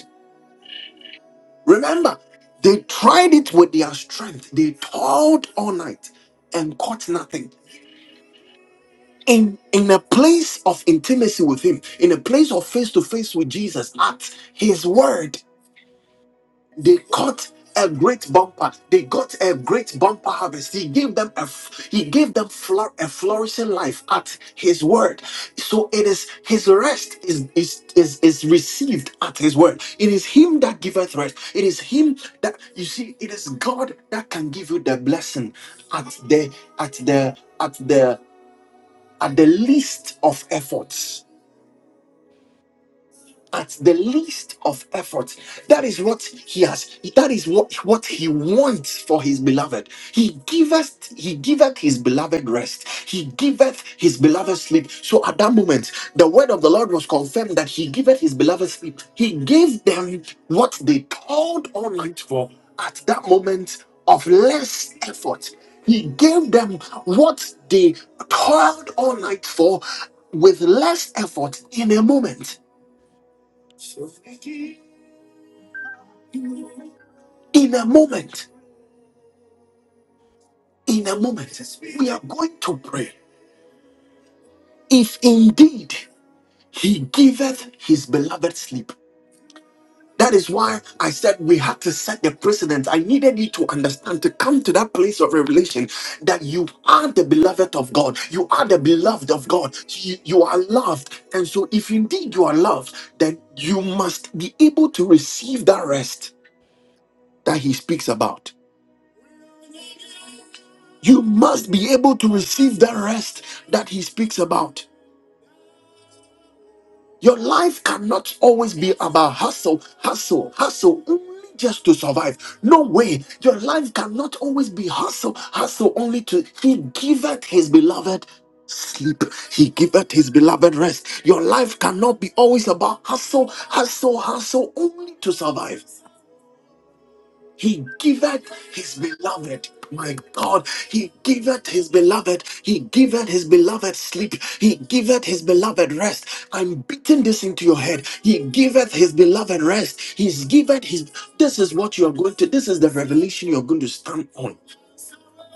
Remember, they tried it with their strength. They toiled all night and caught nothing. In, in a place of intimacy with him, in a place of face to face with Jesus at his word, they caught a great bumper they got a great bumper harvest he gave them a f- he gave them flour a flourishing life at his word so it is his rest is is is, is received at his word it is him that giveth rest it is him that you see it is god that can give you the blessing at the at the at the at the least of efforts at the least of effort. That is what he has, that is what, what he wants for his beloved. He giveth, he giveth his beloved rest, he giveth his beloved sleep. So at that moment, the word of the Lord was confirmed that he giveth his beloved sleep. He gave them what they called all night for at that moment of less effort. He gave them what they toiled all night for with less effort in a moment. In a moment, in a moment, we are going to pray. If indeed he giveth his beloved sleep. That is why I said we had to set the precedent. I needed you to understand to come to that place of revelation that you are the beloved of God. You are the beloved of God. You, you are loved. And so, if indeed you are loved, then you must be able to receive that rest that he speaks about. You must be able to receive that rest that he speaks about. Your life cannot always be about hustle, hustle, hustle. Only just to survive. No way. Your life cannot always be hustle, hustle only to he giveth his beloved sleep. He giveth his beloved rest. Your life cannot be always about hustle, hustle, hustle only to survive. He giveth his beloved. My God, he giveth his beloved, he giveth his beloved sleep, he giveth his beloved rest. I'm beating this into your head. He giveth his beloved rest, he's given his. This is what you are going to, this is the revelation you're going to stand on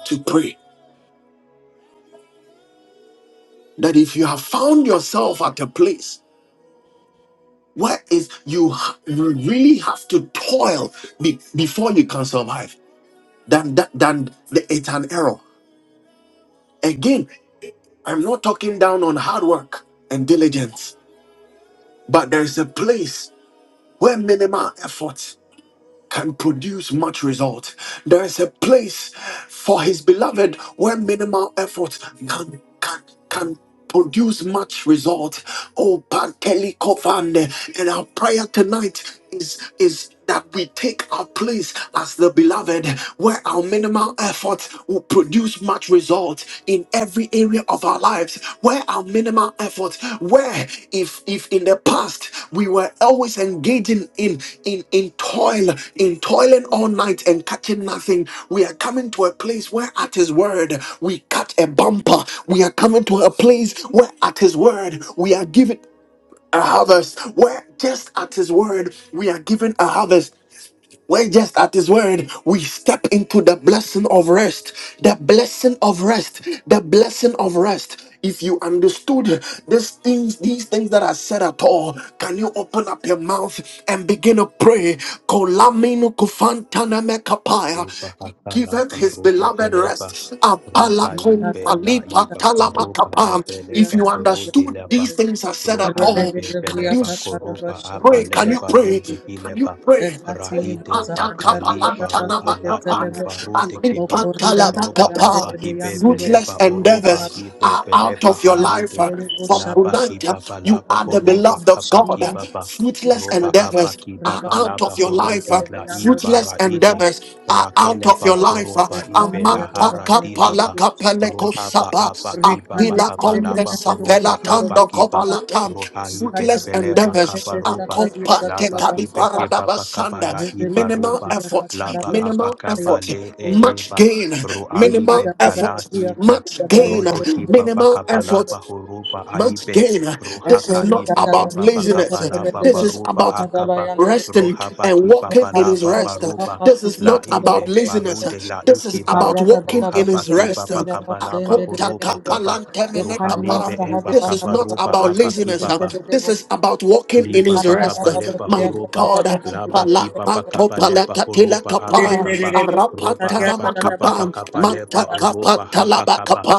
to pray. That if you have found yourself at a place where is you, ha- you really have to toil be- before you can survive, then, that, then it- it's an error. Again, I'm not talking down on hard work and diligence, but there is a place where minimal effort can produce much result. There is a place for his beloved where minimal effort can can can produce much result. Oh Panteli Kovande. And our prayer tonight is is that we take our place as the beloved where our minimal effort will produce much result result in every area of our lives where our minimal effort where if if in the past we were always engaging in in in toil in toiling all night and catching nothing we are coming to a place where at his word we catch a bumper we are coming to a place where at his word we are given a harvest where just at his word we are given a harvest we're just at His word. We step into the blessing of rest. The blessing of rest. The blessing of rest. If you understood these things, these things that are said at all, can you open up your mouth and begin to pray? Kolamino kufantana mekapaya. Ruba He Giveth Hatalaba his Ru beloved Edeleba rest. Apalakom Ruhaibe Rekadebusha alipa Laiba taria Koruba talamakapa. gadagadia If Ebeleba you Horu kataria understood Dileba these gadagaya. things are said at all, Ruhaibe can Rebelebria you Beleba s- Koruba kakadabasha pray? Can you Abaleba Ru pray? talibaya. Can you Dehileba pray? Ekatini Rahide Fruitless Busadia Bakali Dalabas Baru Alai Celebo Dabaya Baru Dekeba Satana, Bokorida Roba Dabaya Bayande Abahibe Beyanduro Satana, Beleba Dabaya Oroba Salab endeavors Satana, Hibe are out Beleba Dabaya of your Ikari life. Harude uh, Satana, From Laba Boshata tonight, Dabaya uh, Kibaba you Laba are Satana, in the the name Horoba beloved of of God. uh, Jesus Abakibaba Fruitless Roba Ekadibos endeavors are Rabba Abakibaba out Laba of your Yuka life. uh, Horode Celebeyanduro Laiba Fruitless Raide endeavors are out of your Rakeleba life. uh, koroba ibe Bosahadia lahara dilaba. Babanduro Amanta peleko Rohaba saba abakiba Rikande apila de kongre bakabalaba Bria sapela horoba Socorro kando abakiba. Bosata kopalatam Roha ibe fruitless Ikadabasa beleba endeavors and Celebesa kabaruba. Kadia compacted Laba ibe Dalabasata keba paradabasanda bakabala Thank iba minimal roba. effort Laba minimal abakaba effort le e much eba. gain Roa minimal ibe effort balahika. much gain Rode kiba minimal effort bakabalaba horoba much aibe. gain. This is Rohaka not ibe about keba laziness. bakabalaba This is baruba about akaba. resting Rohaba and kiba walking in his balaba rest. baruba. This is La not about ibe laziness. Barude la This is Laikiba about walking in rohaba his Kiba rest. This Bakabalaba Horoba Kaba rohalibe Eba is not Kabaruba about Aba laziness. kiba This is about walking in Liba his rest. bakabaleba My horoba God. laba kiba you. Palakato bakabaleba palakatila horoba Thank abakaba roba abakiba bakabaleba oroba habakaba Matakapatalamakapa.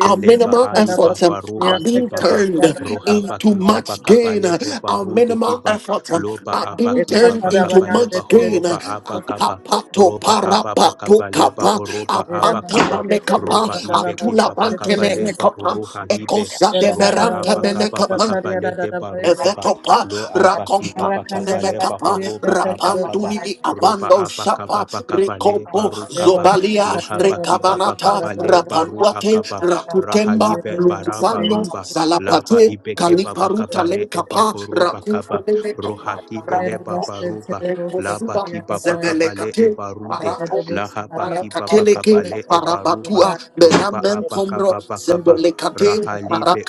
Our minimal aiba efforts um, you. are baroba being kibaba turned rohaba into kiba much gain. bakabaleba Our rude minimal kiba efforts um, loba are being abakiba turned into you. bakabaleba much Rabba gain. horoba abakaba Akapato roba parapato ababakabaleba kapa oroba apanta abakaba mamekapa roba ibe kiba atula bante bakabaleba mekapa oroha ibe ekosa de roba abakaba meranta bakabaleba rukaba Evetopa lo apa baba rakompantune kabalé ba abakaba, roba abakaba ba ho mekapa ro ba rapanduni mi abando shapa rekopo zobalia lo habaki baba rekabanata Thank kabalé baru rapanuate akaba, ka rakutemba ba lukufando baruba. Laba zalapate ibeke baba kaliparuta kabalé ba ra lekapa Rohaki bele baba ba ra ba ru ba e rakufeleme kapa ki be le Thank ba rakupo la ba rekosuba ki ba ba ka ba le e zevelekate de parakope la ha ba ki ba ba ka ba Parakateleke, le e Parabatua, Beramen Combro, Zevelekate, be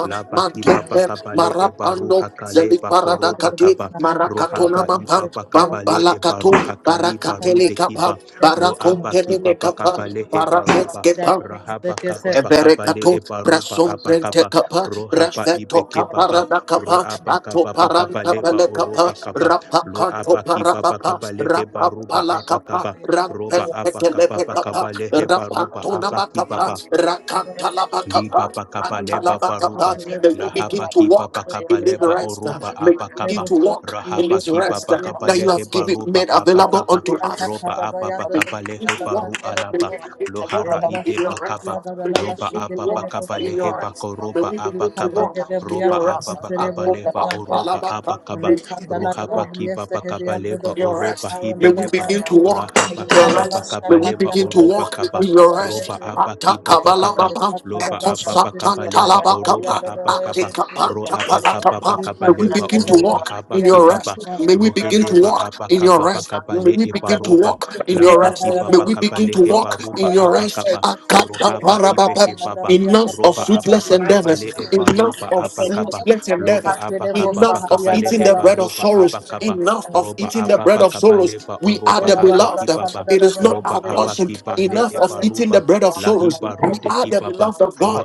Laba kibaba Mantomper, kabale eba Marapando, ruha kale bakoroba Zeliparadakati, kaba. Marakatona Rohaba Mapa, ibaba kabale eba Bambalakato, ruha you. kali baru Barakatele de Kapa, kiba. Loaba Barakontemene kibaba Kapa, kabale eba ruba. Barakonskepa, Rahaba kababa kabale Eberekato, eba Brasom Brente abakaba. Kappa, Rohaba Brasfeto ibeke baba. Caparada Kappa, Roaba Ato kababa Paranta kabale ba Pele oroba Kappa, kaba. Rapa Canto Loaba kibaba Parapapa, kabale eba Rapa ruba Pala Kappa, abakaba. Roba Rampente Telepe abakababa Kappa, kabale eba Rapa ruba Tonama Kappa, abakibaba. Rakantalaba you. Kappa, Lipa pakapa Thank you. leba Antalaba parupa Kappa. May we begin lahapa to kipa walk pakapa in this leba rest. orupa May we begin apakapa to walk in rahapa this kipa rest pakapa that you lehe have given parupa made available apakapa unto us. ropa apa May pakapa you begin lehe to walk. paru May alapa we begin to walk lohara ide in your rest. pakapa May we lopa begin to apa walk pakapa in lehe your rest. May pakoropa we begin to apakapa walk in ropa your apa rest. pakapa leba orupa apakapa May we begin to Rekandala da walk rohapa kipa WS hedi pakapa anda da leba your bosa oropa rest. May anda we da hibelepa bay. begin to Yes, walk rahapa in Lord. your kipa Ada rest. basta May pakapa we leba kadi begin anda to da oropa Yes, walk bosa kapa in Rakapalia your kada ropa rest. bayende. apa kipa Rapanda la pakapa Atakabalababa, basidi Eta kada loba pianda la basta apapa kadi basada da kapa la bosa lepa basidi kadi oropa ekosatantalabakapa, anda da apa pianda la kapa bayende. ro rata apa da da kapa pa atekapantapalakapa. da May kapa Thank we lepa shabala begin to ya oropa ta walk hapa in your kipapa rest. rapala ya May we pala begin da to rohedeba walk apa shabala in da your kapa la pa rest. da kapa May le we shabala begin to da la ebarupa da walk in your lapa shabala rest. May kipapa we kapa begin le to rapala da walk la ebarupa in your apa basada rest. la kapa basidi rohapa pianda la ipe Akataparababa. basada kipapa da da Enough da of da roba apa fruitless pa ala da kapa da endeavors. le basidi Enough ebarupa of pianda apa la kapa fruitless basada da la loba endeavors. da apa kapa pa Enough of kapa rapala le da eating la the bread of ebarupa basada da apa la sorrows. kapa basada Enough la of roba eating the basidi apa pa bread of pianda kapa la sorrows. lepa We are oropa the hapa basidi pianda la basidi pianda beloved. kipapa It is not roba our la apa portion. kipa basada le Enough la of da eating ebarupa the Rapatia bread of lahi sorrows. We baru de are the kibaba beloved of God. ro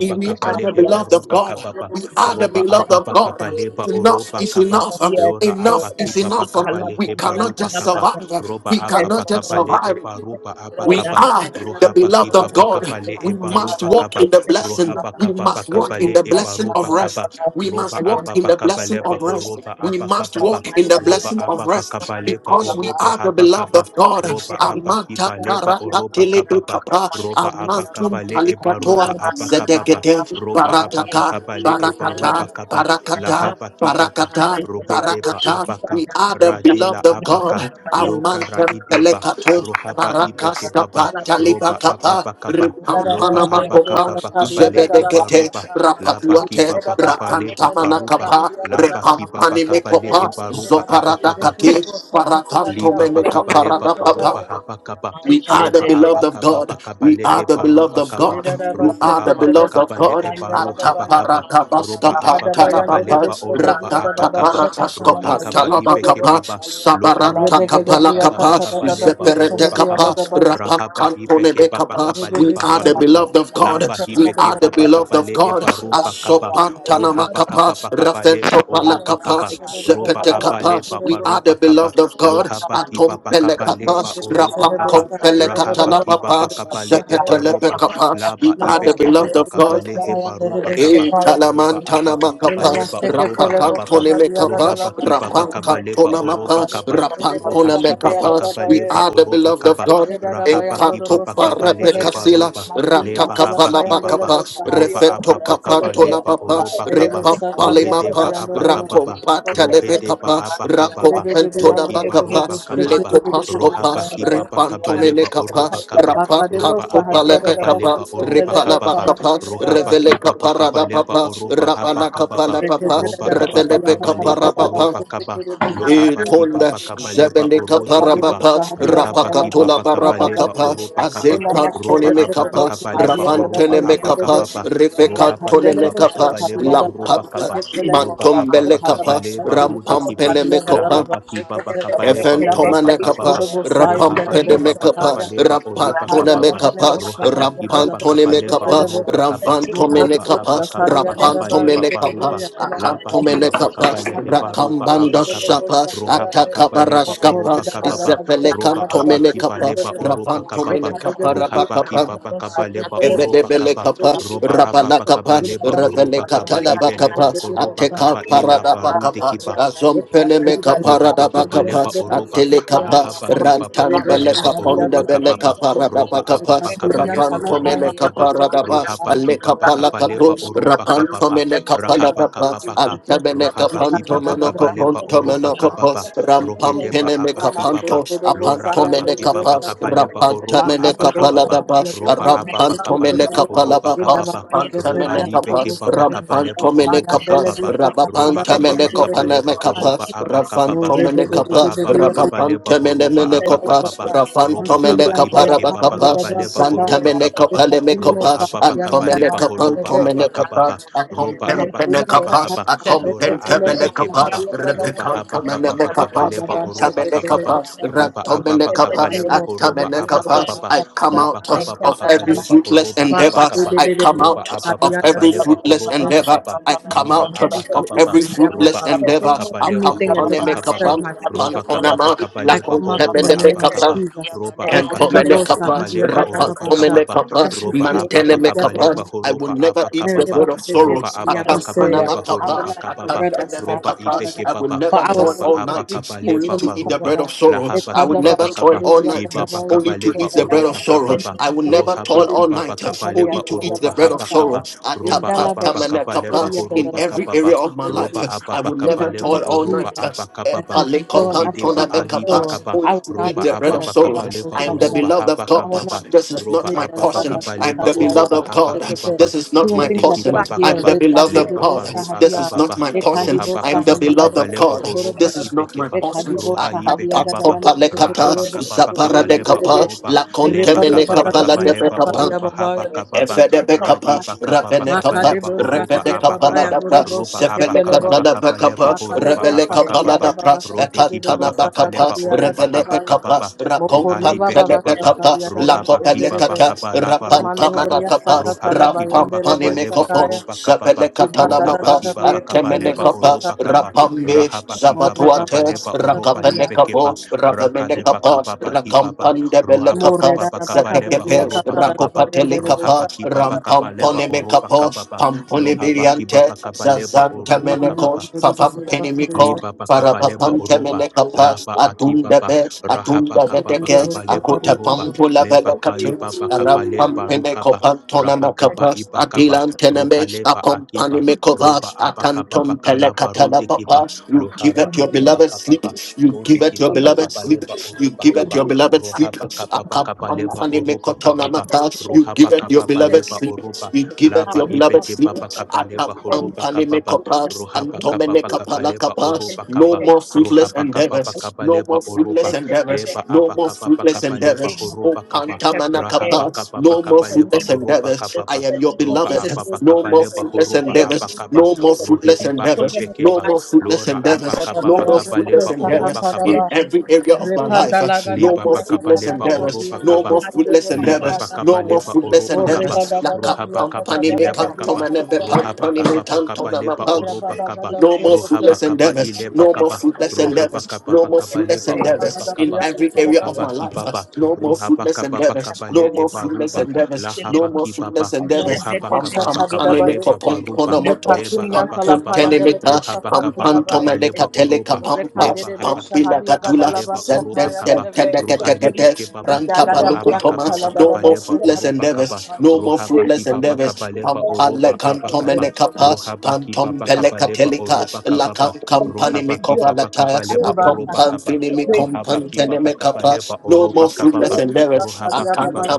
We, we are the heba beloved of ruba God. kababa We are the roba beloved of God. apapakabaleba Enough oroba is kaba enough. lora Enough abaki is enough. apakipapakapale We heba cannot ruba just kaba Lord. survive. roba We Yes, cannot just Lord. apapakapale survive. eba ruba Lord, We that apakaba I are the heard beloved that of the people God. of God, rohapakipapakapale We eba must ruba walk I kaba in the see blessing. your We people, must they walk do in rohapakapapakapale the hope eba blessing for ruba of that of the kaba rest. We roba must walk in ababa the man blessing kabale I apapakabaleba of rest. horoba suffering, We must and apakababa walk he in said, the roba "Thank blessing you, God, of ababa rest kabale apapakabaleba because for this we oroba are the beloved habakaba of God. great roba day." abaki Amanta So I apakibaleba have a Ratia parata oroba Palanama kababa big mouth to telekapa, roba Kapalia say. apa amantum kapa le Talamakiata eba roba palikatoa, Um, apa and kapa I zedegede, speak Rapantalabashi to roba Allah, apa Kapalia apa Allah, barataka, kapa le Tushara to eba Allah, barakata, roba to Brandia kapa la Kapaliata barakata, Allah, hapa ki papa I have a big mouth to say. I Rapalia have a barakata, big rohe mouth deba to say. I Talalabasha have barakata. a big mouth to say. We are the Brandanama I radela beloved of Sibria abaka. God. Dusha have Bayanda lokara Amantem ideba Rapasa pelekato. rohaba Talabalia ibeke Parakas baba kapa Talalabakaya taliba roba apa kapa. apa Lord my kapa God loba Ripampana Katika a apa makopa. kapa pa Pariata kapa le eba Zebedekete. roba Rapakatia lapa big mouth ki to Rapatuate. Kaparia papa Kapa say. kapa le ba ba Rakantamana roba Rapalia kapa. Kapa lapa ki Talaba Repampani you. mekopa. eba Rapalia roba Palaba apa Namaste, Zoparada kapa kati. Shatalia Namaste, Dalalabosha Parakanto Lipa meneka pakapa lepa parada oropa papa. hapa kapa We are the ropa apa beloved of kapa God. pakapa We lehe are the beloved parupa of kapa God. We ropa Namaste, are the apa beloved of pakapa le God. eparu hapa kapa ropa Ataparakabaskapa apa pakapa talabapa, lepa oropa apa kapa roha rakataparakaskopa kapa ipe ke talabakapa, baba lo arahide pakapa sabarantakapalakapa, pakapa lepa oropa kapa zeperetekapa, rahapa ipe ke baba Rapala rapakantonebekapa. kapa We lepa are are the parupa Rapalia beloved of Palaba, God. lapa We hipe ke are the baba Rapalia beloved kapa of le Palaba, God. eparupa kapa Rapalia Palaba, roha pakapa Asopantanamakapa, pakapa Retutu lepa oropa Shaparia Rafentopalakapa, kapa Capalia ropa apa Palaba, Zepetekapa. lepa We are the parupa kapa beloved Shikatalebele of God. Lohapa kiba Shakalabanabu, bakaba Atompelekapa, leba Retutu oroba Shatala, kaba. Rahapa Darabasikia kiba Rapankompelekatalapapa, Palaba, bakaba le ebaruba. Thank Rakapaya, Zepetelepekapa. Laba We are the ibeke beloved baba Rapalia of kaba le God. Palaba, hebaruba Shibalaba, kaba. E Namaste, Shikia Roba aba talamantana Palaba, bakaba makapa, leba namaste. Ke Yinamashteke oroba telebo Rapalabana, kababa. rapakantone sahabiya mekapa, gadala Shikatalebo Rohaba kiba basaya. Shabalaba, bakaba leba rapankantona oroba mapa, Rapalia kaba. Teke Ere Palaba, Roha rapantona kiba sahabiya Shikatalebo. mekapa. bakaba We dadabaye. leba are the Rapalia oroba beloved of kaba. Palaba, God. Rahaba Yedadabayan Shikatalebo kiba dodobo Enkatopa seke bakaba le Shabalaba. telebo. repekasila, ebaruba. Masulyan Leba ratakapa haba talapayan kibaba, labakapa, delebe Roba sahabiya refeto aba bashteke bakaba kapato telebo. leba oroba kaba. Yerebe labapa, satariya Rohedeba Lemapa, babayan aba doroyan kababa. Rakompa, sokusoya. Rohedeba Telebekapa, abakababa Yerebe bebeyan Rakompentona Loki dorobo Bakapa, bobo Baruba seke Kababa telebo Lekopaskopa, Rohaba sahabiya. Kibaba Kabaleba Repantomenekapa, Oroba you. Kaba If Makadebo Roba he Rapakatopa get sahabiya Ababa that very Lebekapa, Kabaleba dadabashteke Oroba telebo Ripala important Kababa Bakapa, sahabiya Rohaba dadabaye. Revele people, Kibaba Kaparada Kabaleba Papa, Oroba right? Haba Rapala That Kababa Kapala Teke Papa, Roba telebo gadala Ababa Revele yakatala Kabaleba Bekaparabapa, Oroba dadabashteke Kaba telebo Lohaba sahabiya Itonda Kibaba dadabaye. Kabaleba Jebeleka Orode Thank Kiba Parabapa Rahaba Rapakatola Kibaba Kabaleba Barabakapa Oroba Kaba Azekantoni Roba Rapa Ababa Mekapa Kabaleba Maliko Oroba Ravantene paria Aba Mekapa talama Kababa sugaria Rohaba tes Rivekantone Kibaba Mekapa rata Kabaleba palia Oroba talama Lampampa Kaba bashika Loba palama Mantombele Ababa Kapa Kabaleba rapalia Rude Rampa palama Kiba Pele Mekapa Lahapa kipa rapapai pa that that kapaleba that that that that kababa rapapai Eventomanekapa, kapapa. reko pasca Rohapa kipa pa Rapampedemekapa, you. deleveledosa kapaleba oropa kapapa. Ikaragadane rapetesha Rapantonemekapa, Rohapa kapalia kipa Mostahangadaba pa talama kapaleba subrian Rampantonemekapa, Sekatebo oropa talama kapa. Lopa Mokodibo rabalia Ravantomenekapa, apa kapa kapaya pa that that Shakariagadaba kapaleba Yadebe Rapantomenekapa, parupa. Yadalaba repebebebebe Lapa Seke kipa that Akantomenekapa, rapedosa kabaleba badian kapaleba Akatana ropa dalama apa Rakambanda Subria Sekatebo Shapa, Rohapa Sahayande kapaleba Atakabaraskapa, oropa Mokorida kapapa. Gadagadia Roba Sakadaba apa kipa Izepelekantomenekapa, leba Sekatebo oropa kapapa. Mekadegede Rohapa Ravantomenekapa, kipa pa Buyakana kapaleba Sekatebo Thank oropa Evedebele kapa, Sahandibu Roba Rapapalea apa rabala pa kapa, kapaleba Thank Maria revele oropa kapa katala Catalia bakapa, ibeleba Talalaba koroba Saglia ateka kapa ila parada Tosalaba barude bakapa, kiba. Rapa azompele me Papala Balaba Iba kaparada bakapa, pakabaleba Rapa Dia oroba atele kapa, Catalia lahaba kiba Rapa rantambele pakabaleba Palia oroba kaponde bele Talalaba kababa kaparada Sudia roba apa bakapa, Talalaba pakabaleba rapanto mele horoba Rapalia kaba kaparada ba, Catalia rohaba ale kiba Rapa kapala kato, pakabaleba Vandilia oroba rapanto Badosa kababa mele Lebelebe kapala rahaba bapa, Sakata kababaka antabele Maria rohaba kapanto kiba Badosa meno pakabaleba Bratia kaponto oroba meno Basata kababa you. Rabada kapo, rohedeba pampene Basika Makadabashe me apa Taladosa kibaba capanto, Bayata lora apanto apa mene kiba capas, Repedosa pakabaleba Belebe rapanta horoba mene apa Sudia kababa capaladabas, Baradosa roba apa Balaba rampanto mene pakabaleba horoba capalabas, Rafa kababa ro pantamene alibe capas, kiba rampanto pakabaleba mene oroba capas, kababa roba rabapanta mene apapa kapaleba copaname horoba capas, apakababa rafanto mene roba capas, apapa kapaleba rabapanta mene horoba mene you. copas, apakababa rafanto roba mene kaba ipeke baba caparabacapas, kabaleba zanta horoba mene kababa capale me roba copas, apapa antomene kabaleba horoba Capantomene apakababa Kapas, roba Akompen apaki baba Penekapas, kaba Akompen lora adibeke baba Tabelekapas, loba Repekan hapa kababa Tamanekapas, kabaleba oroba kababa ketelebe Atabenekapas, sahadi roba apapa Sibitia Ratomenekapas, kabaleba animals Palatosa the horoba holy and Labria the Atabenekapas. book apakababa I that come roba out Rapalea kababa of Salana the every kabaleba Basti fruitless horoba Balaba, endeavor. Rapa Makade Baba abakaba de I de come book roba out apapa of Baba Adiada. every kabaleba Baba Baba fruitless horoba Baba yes endeavor. kababa I Shibana Bana come Father, Lora and out Bana Abba please Bana of Rapa witness Kababa, every and Baba devil, Roba fruitless Father Abba God. endeavor. Baba I Kabaleba, come Sabana Anything that on a does Horoba Bana not Kababa, serve Akamponekapas. my future, Rabana Roba Father Bana God, Kababa Panponama, Basti I Kabaleba, come up Kapaya in Horoba the Bana name Abba of Lakom Kaba, Sibidia Jesus. Roba Bana Eh, Abba Bosha Bana Kibaba Entomenekapas, sahadia Kabaleba, gadala Rapa Oroba Dia basha. Kababa, Salana rapastomenekapas, Every Roba Sibana fruit of Abba the devil shall Kabaleba, mantelemekapas. not I will survive. Horoba Kapaya never Abba I eat Bana will the Kababa, bread not of eat Sibidia Roba sorrows. Bana Abba Rapa Kabaleba, Baba Horoba Akampanamakapas, the Kababa, bread of Roba sorrow, Father akantelemekapas. Ibeke I God, will Baba, for never I will toil Roba all sleep and Abba night sleep only Kabaleba, peacefully, to eat the Father Baruba, bread of God. sorrows. Lahaba I will Baba Kibaba never toil Kaba, all night Ibaba Thank only you. to Kabaleba, eat the bread of Oroba Thank sorrows. Kababa, I will never Rohaba toil all Kibaba night only Kabaleba, to eat Oroba the bread of Haba Kaba, sorrows. roba apapa kapaleba Atapastamenekapas. In horoba every kapapa area of my roba life, I apapa will In the never name kapaleba toil of all oroba night. Jesus. Uh, apa eh, I kapapa take full and palekopantona rohideba absolute agi mekapa, control. kaba. I Going will to not eat roba eat the the bread bread of of apapa sorrow. sorrow, kapaleba I am Father the God. oroba beloved of haba I God. will kapapa not be This is roba not my apapa portion. I am kapaleba the beloved oroba of haba God. kibaba This is not doing my rode things that portion. don't kibaba I am yield. the kaba It can beloved be of leba God. baru This is sahadia. not akababa my It can portion. be rohaba both I am the kapapa beloved sahandela of kapaleba God. bokotoro horoba This bosha. is not my ibekeba It can portion. be both roa sahadia ibekebaba gadala Atapakopalekata, rahaba masheketere kapapa bokotori and kapaleba zaparadekapa, the oroba river not leba baba kapapa gadabriya to, kapaleba lakontemenekapa, kafaria oroba and haba babaya. kababa Besides the work, besides Efedebekapa, Radiba kapa stewardess, bakapa Ravenekapa, leba precise Makadebo besides horoba Sahadia precise Baba abakaba. stewardess Revenekapaladabra, Yandorobo Roba abakaba Sheketelebo. bakapa Sefelekapadabakapa, leba besides the horoba Makadebo water series, Sahadia live abakababa. Revelekapaladabra, Baba Rode besides the Shatadebo kibaba water kapa you. Ekatanabakapa, where leba Sakatadia oroba yet Thank though Gadabaya. even Revelebekapa, habakababa. though there are Mokoriba Ruhalibe raging Baba storms, kibaba. Rakompatelebekapa, even Shatadia Ro though there Gadabaya are abakibaba distant Derebe. Lakopelekata, kapa storms laba and roba Ramando kaba. Bria Rapantamanakapa, uncertainties Rohaba that Sakatalabaya kibaba oh kapa Derebe I leba Rampampanimekoko, Sakaya. choose oroba to kababa. trust in my Rikada Rohaba Sebelekatanamapa, shepherd, Dada my kibaba Bria kapa father, leba Ketelebo I Antemenekapa, choose oroba to Sataria. kaba. trust in Rapambe, Jesus, Rahaba I kibaba More choose Zabatuate, kapa to Baba leba trust in him oroba Shataria. and libe you keba. Rakapenekapa, told me that if Rakadeba Ravemenekapa, you will kababa only kibaba. speak and ask Rohaba this More Rakampandebelekapa, kababa Papa, Dada mountain kapa to Bakada leba move, Bria Zekekepe, horoba if Katada kababa Baya only you Rakopatele will Derebe speak rohapa Kapa, once, kibaba Sakatada if Baya kabaleba Rampampone every Derebe. oroba Mekapo, mountain, kababa every Pampone lohaba Viriante, kibaba mountain kabaleba Every Zazanta oroba month, Meneko, kababa of weakness, Fafampene every month, Miko, of liba bakaba disgrace, leba every Farapapante oroba month, of Menekapa, laba insecurity, akibaba Adundebe, every rahaba Adunda mountain that kababa is just Veteke, kaba leba not Akuta oroba Pampula receiving, leba I Velekatin, kaiba speak to you bakaba and I leba Rampampene rukaba declare Kopantona the word rahakaba of Makapa, God. This ibakaba is the word of Adilanteneme, God. ruhaleba Akompani akiba Peace be Mekova, roba still, abakaba peace Akantum be bakalaba still. Pelekatala rudikiba Papa, you Remain, give luhara it your ide remain, beloved sleep, bakababa complete you the land give it your rudikiba of the beloved bakaba Lord. sleep, leba We are you oroba not give it kaba your our fight. beloved sleep. rohaba We kaba are bakaba still, leba Akapampani we are oroba still, we are still. mekotona kababa mata. We You give rohaba it your kababa are still, we beloved leba sleep. oroba You give are it laba your still. beloved ibeke sleep. We baba are kaba still, leba we are horoba Akapampani kababa still. mekopas. Ruhapa kapa Antomene pa kapa Thank kapala leba kapas. oropa you so much, No kapa. more God. fruitless Ruhapa Thank you kapa so pa endeavors. kapa No more leba much, fruitless oropa. God. endeavors. Leba No apa more kapa pa fruitless kapa leba endeavors. Oh horopa kapa. pantamana you. Rahapa kapas. kapa pa No more kapa the leba fruitless name fruitless of Thank oropa endeavors. kapa Jesus, I pa. am the your you name of Roba beloved. Jesus, apa we pa will No so kapa much, more leba answer God. fruitless by horopa your apa endeavors. children, Thank kapa. O No you, more God, Lord. fruitless by Ruhidi the ba children endeavors. ipe of the Hallelujah. No keba. more She life said, of As fruitless Lora Jesus, surely apa as endeavors. and thou kapa we No pa seest more me, kapa have fruitless leba whoever to be says in oropa to endeavors this kapa. in creation. mountain, every be area We of my removed know and we be life. have Uh, cast to into No have Liba the more pa so sea, much kapa fruitless and leba does not endeavors. oropa we No doubt kapa. more in have his this heart, fruitless Papa. Liba but endeavors. It No bakaba believes is more leba that the he fruitless oroba those time kaba things of endeavors. he Laka says rohaba kaba pampani will the me best be ileba done kaba and of the kantomane will be happen to rohaba pampani see. life. me kaba So I bakaba leba speak tantonama oroba kaba completion. I no more come rohaba fruitless kaba endeavors. everything ileba that No more That's I've kaba begun. fruitless the I rohaba speak endeavors. kaba No more bakaba life completion. of fruitless leba I Jesus. in the oroba endeavors speak in name kaba of every purpose. I area will of rohaba my see life. from uh, kibaba you. No I more rohaba speak fruitless up kaba that endeavors. Grace bakaba le I No more will eba fruitless ruba not. endeavors. be lahaba No more kibaba fruitless and let endeavors. the rohaba Pam kaba bouncing pam of any bakaba pamemeko leba sickness pom and baruba disease, ponomoto leba pam whatever pon has abakaba started, tenemeka it shall be rohaba pam kaba pam completed. bakaba It tomeneka leba shall be teleka oroba pam completed. and pam leba Rekandere speak be haba pam bila to kibaba şahadiya completion kaba katula over gadala leba başka zen I oroba ten kayan ten speak kaba ten derebe ten ten completion. ten rohalibe ten. I speak kebaba Amen. ranta Amen. fruitfulness. baluko roaba I toma. kapa pa speak No kapa more leba fruitfulness. fruitless oroba I kaba endeavors. speak No more favor. rohaba I fruitless kipa pa speak endeavors. kapa favor. leba I Pampale oroba speak aba this cantom and kapa thing in the capas, name rohaba of the kipa Lord pantom pa Jesus. kapa leba I oroba pelecatelicas, speak. la kapa cam pa I company me rohaba speak. I speak. I speak. kipa pa I kapa covalatayas, a leba speak. I oroba speak. pompan I speak. I kaba finimi rohaba kipa pa speak. companteneme I kapa leba capas, no more oroba kapa the fruitless pa Lord, to endeavors, Thank a rohaba kipa pa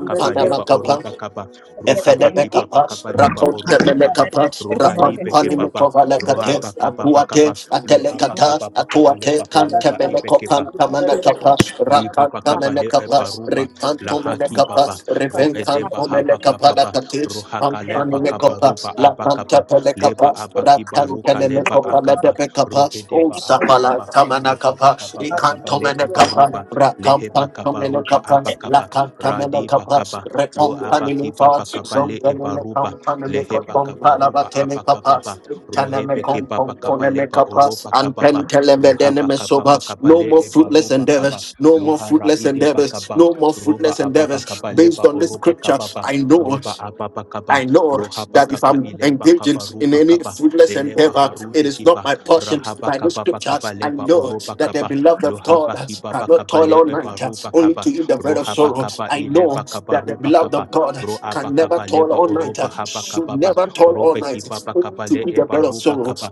you. leba oroba kaba Your the rohaba favor kipa of pa the Efelebekapa, Lord kapa leba follows the oroba kaba streets. Rakontelebekapa, rohali Mando peke papa shaka pala Rapampanimekovalekate, rohaba masihi kapa pa dianda Atuate, kapa hiva. loaba Oh, Atelekata, I kapa am pa so kapa Atuate, leba comforted by oroba the Lord. ipe He leads me Kantemelekopantamanekapa, beside Li still Lipa waters pakapa that he le Rakantamanekapa, restores ebaruba my soul. la The haki Rikantomanekapa, Lord baba leads me ro beside edeba still waters and habaka baba restores my ro Rivenkantomanekapadakate, soul. The hakaleba Lord leads Pampanomekapa, me kabaruba beside still abakaba waters and Lapantepelekapa, leba restores my abaki soul because baruka he has leba loved me. akaba I ro am Rakantenemekopalebekapa, so hedeba loved In by God. Usapala abakaba the ro Tamanakapa, habaka baba Solas thy kaba le God and Ikantomenekapa, ebaruba greatly has le thy God, heba and kabaruba solas thy Rakampanamenokapas, God abakaba and greatly radi has thy Lakantamenokapas, bakaba God. His lo abaki mercy baba Rekompanilifas, kaba endures le forever, ebaruba His le mercy heba endures forever. kabaruba Thank you abakaba Zombenemekampanilikopomparavatemekapas, so much, ro hebe thank ke you so baba kaba much, leba Itanemekomponponekapas, oroba thank you for kababa your love, ro thank you for habaka your love baba Anpentelembedenemesovas. and kaba your No le more mercy. Thank fruitless ebaruba kaba you endeavors, so no much. more Luhara Thank fruitless you ide for endeavors, your bakaba. no love and more your Roba fruitless mercy. endeavors. ababakaba Thank you Based leba on this for your oroba scripture, kababa. I love know. and Roba your I ababakaba. know mercy. Thank Roha you that if for your bakaba I'm love and your mercy. Thank you for ileba engaging kaba in ruba any kaba. fruitless Eleba your endeavor, love it harude is and not kiba. my your mercy portion. Rahaba By the kaba bakaba scriptures, I leba know oroba that the kaba. practice beloved of God Luhaba by one day classes kiba from the cannot bakaba toil local all church leba night, group. ruba This only is kaba. to eat the something bread of Roha that I'd sorrow. like bakaba I the know ileba youth and kaba to that the ruba beloved complete. kaba. of I God pray for Roa the can youth never bakaba of toil leba God all night, oroba and haba declare the should kababa. mercy never of toil God all Robe night, kiba upon only bakaba every to one eat the of leba bread us of that ruba sorrow. are kaba.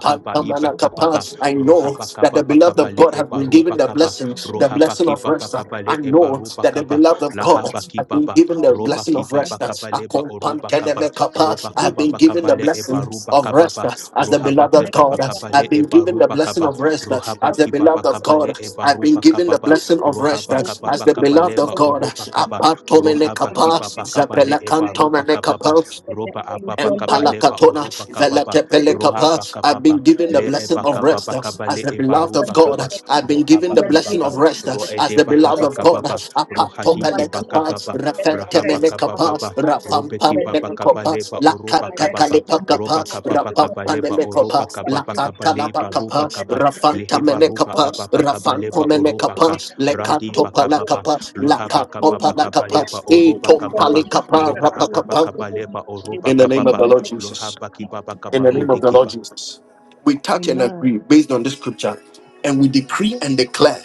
I iba kababa. declare the I Roha mercy know of that God. the bakaba I beloved bakaba of declare God the has leba have been mercy of given ruba the God kaba blessing, in the the roha name of the blessing baki of Lord papa rest. Jesus. kapa I I le eba declare know the roba that mercy the of kapa God beloved of in God laha baki have Jesus' been papa name. given I the say, roba blessing ki of Papa, papa rest. Lord, kapa I love leba us. oroba Father, I kapa love us. Akompantelemekapa. roba Father, I I've love kapa been us. papa given Father, kapa the I le eba blessing roba love of us. kapa rest pa Father, I as love us. the roha beloved baki of God. papa kapa I've le been eba Rapasudidia given the roba blessing kapa of Alabasudi rest roha as the papa beloved of Consudidia kapa God. eba I've been roba given kapa the pa blessing of rest as papa the kapa beloved of God. oroba kapa The peace of roha God, Apatomenekapa, papa I have kapa the eba peace that roba is kapa just why I zapelakantomenekapa don't roba believe apa pa and the life palakatona Lord the oroba kapa peace pa velate when I was pelekapa. asleep I've in papa my been given the le family and the blessing eba of kapa greatest rest pa uh, fear is I as the had eba that beloved of The roba peace. great God. kapa I've nation, I been have loha given that the the baki blessing name peace. of of rest I uh, ro Jesus, have as that ede the I peace beloved and bahaba better I of than God. kababa the remain still past, and I Apato rohadi upon the hiba receive pelekapa, that the kababa will and better the refente rahaba praise purpose menekapa, of kababa God and the rapam robeki plan pam of the baba name God and penekapa, kabaleba of Jesus. oroba the I lakata rest say of kababa to the my kalipakapa, roba soul, the kababa name be rapam of still kabaleba my oroba panemekapa, soul the kababa king, lakata kabaleba the be name labakapa, roba still and kaba know that He rafanta is leheba your roba God, menekapa, of the ababa your and Lord, rafanto kabaleba He oroba will the ka menekapa, rescue you radi name of lekato from from bakababa palakapa, lohaba the the name lakato temptation. kababa of following I the same, kabaleba palakapa, remember the many oroba not etom times following kababa was palikapa, rescued the roba and I same, the ababa said, not rapakapa, "You stood following kabaleba my the oroba soul, in the you name same, in of kababa the the Lord stood my name Jesus. soul lohaba kibaba in the In the name of kabarudi the Lord kiba Jesus. We touch and Amen. agree based on this scripture. And we decree and declare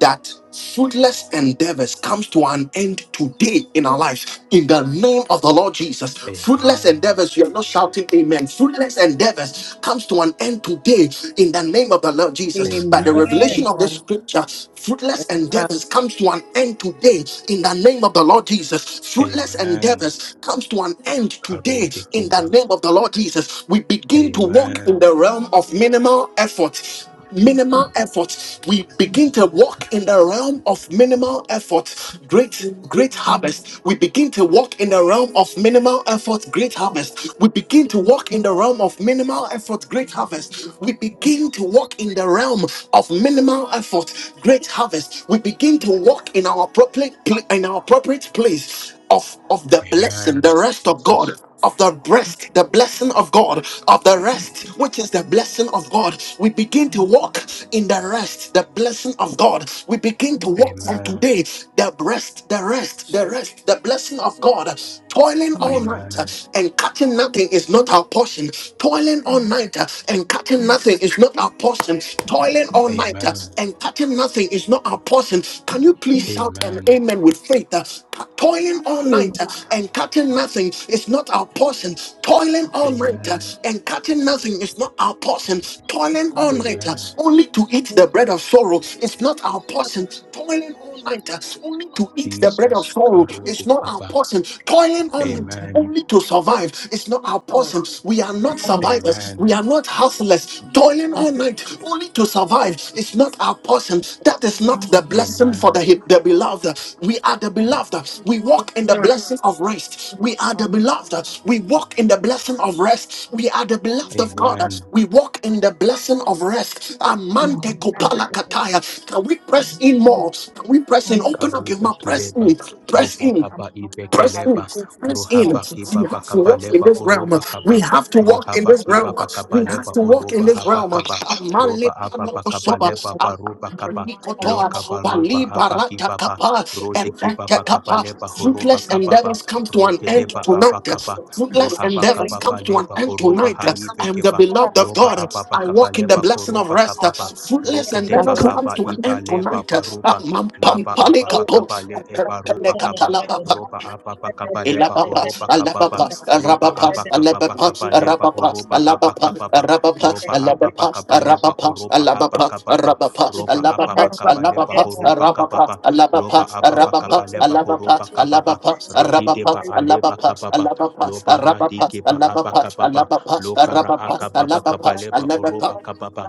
that fruitless endeavors comes to an end today in our lives in the name of the lord jesus fruitless amen endeavors you're not shouting amen fruitless endeavors comes to an end today in the name of the lord jesus by Amen. the amen revelation of this scripture fruitless endeavors comes to an end today in the name of the lord jesus fruitless amen endeavors comes to an end today karudi in kiba the name of the lord jesus we begin to Amen. walk in Amen. the realm Amen. of minimal effort minimal effort we begin to walk in the realm of minimal effort great great Jesus' name, Amen. harvest we begin to walk in the realm of minimal effort great in harvest we Jesus' begin to name, walk in the realm of minimal effort great in harvest Jesus' we name, begin to walk in the realm of minimal effort great harvest we begin to walk in our appropriate pla- in our appropriate place of of the blessing Amen. the rest of Jesus. god of the rest, the blessing of God, of the rest, which is the blessing of God. We begin to walk in the rest, the blessing of God. We begin to walk from Amen, Amen. today, the rest, the rest, the rest, the blessing of God. Toiling all night Amen, uh, Amen. and catching nothing is not our portion. Toiling all yes, night in uh, and Jesus' catching name, nothing is not our portion. in Toiling all Jesus' night uh, name, Amen. and catching nothing is not our portion. Can you please shout an Amen. amen with faith? Uh, Toiling all Amen. night uh, and catching nothing is not our portion. Toiling all night uh, Amen. and catching nothing is not our portion. Toiling all night uh, Amen. only to eat the bread of sorrow is not our portion. Toiling all night, only to eat the bread of Jesus. sorrow. Karo It's de not our Kiba. portion. Toiling on it Amen. only to survive. It's not our Amen. portion. We are not survivors. Amen. We are not houseless. Toiling all thank you, night Jesus, only to survive. It's not our portion. That is not Amen. the blessing for Amen. the, the beloved. We are the beloved. We thank walk in you, the Jesus, blessing of rest. We Lord, are I the will beloved. We walk in the blessing of rest. We are the beloved of Amen. God. Amen. We walk in the blessing of rest. give you my Amante Amen. name kopala in kataya. Can we press in advance. more? Can we press in? Oh, Open up thank your you, Karuba mouth. Jesus. Press Kileba, in. Thank you, Press Jesus. in. I'm Ruhakaba so much. Press I through, will Ibekeleba, thank you press so in. Ruhaba much. You Kibaba have to But walk I'm in Kabaleba, so this not realm. Oroba tired. We Kaba, Thank have you. to Not walk by in Ruhaba my this realm. Kibaba effort, by We my have Kabaleba, to free, but walk in Oroba your this Haba realm. chosen to Kaba, love you. Amale Roba Thank Ababa you so Amen. panakosoba, much, and Kabaleba, I Baruba receive your Kaba, love. I Oh was apanikotoa, Loka Lord, oh Father, Baruba I Aba receive your Kibaba, love. palibarakakapa, Rode Thank you so Kibaba much, Jesus, Kabaleba, ebekekapa. for Horoba loving Fruitless me. Thank Kababa, looking you endeavors so come to much, an Jesus, for the end for Rokedeba Aba loving me. people tonight. Kaba, Oh, thank you. Fruitless Thank Ruhaba who endeavors come Kababa you. to I an Leba, end Oroba perceive tonight. and I come I to am the the Haibekeba, full beloved of Roba God. understanding of Ababa I your love walk in the for Kabaleba, me. blessing of Koroba rest. I Kababa, am Fruitless grateful. I Rokedeba endeavors come come Haba to an to the Iba end full Leba tonight. understanding of Baruba, your love for me. Amampampalikapo, laba Remember, ababa stop kabale that eba work, don't ruba have Father. kaba roba ababa the bread. kabaleba They don't Ilabapas, oroba kababa have Alabapas, roba the ababa Arabapas, kababa Alabapas, food. kabaleba Arabapas, oroba What haba Alabapas, kababa do Arabapas, they roba have? ababa Alabapas, kabaleba Arabapas, oroba haba Alabapas, kababa We Arabapas, have roba ababa hundreds Alabapas, of kabaleba ideas. Alabapas, Arabapas, Alabapas, We horoba kababa loba Arabapas, have ababa new Alabapas, concepts. kabaleba horoba Alabapas, kababa Arabapas, rahide ba We Alabapas, Alabapas, have aleba Arabapas, kababa loba radike ba aba Alabapas, kababa Alabapas, lokara Arabapas, akababa Alabapas, kabaleba Alabapas, oroba kababa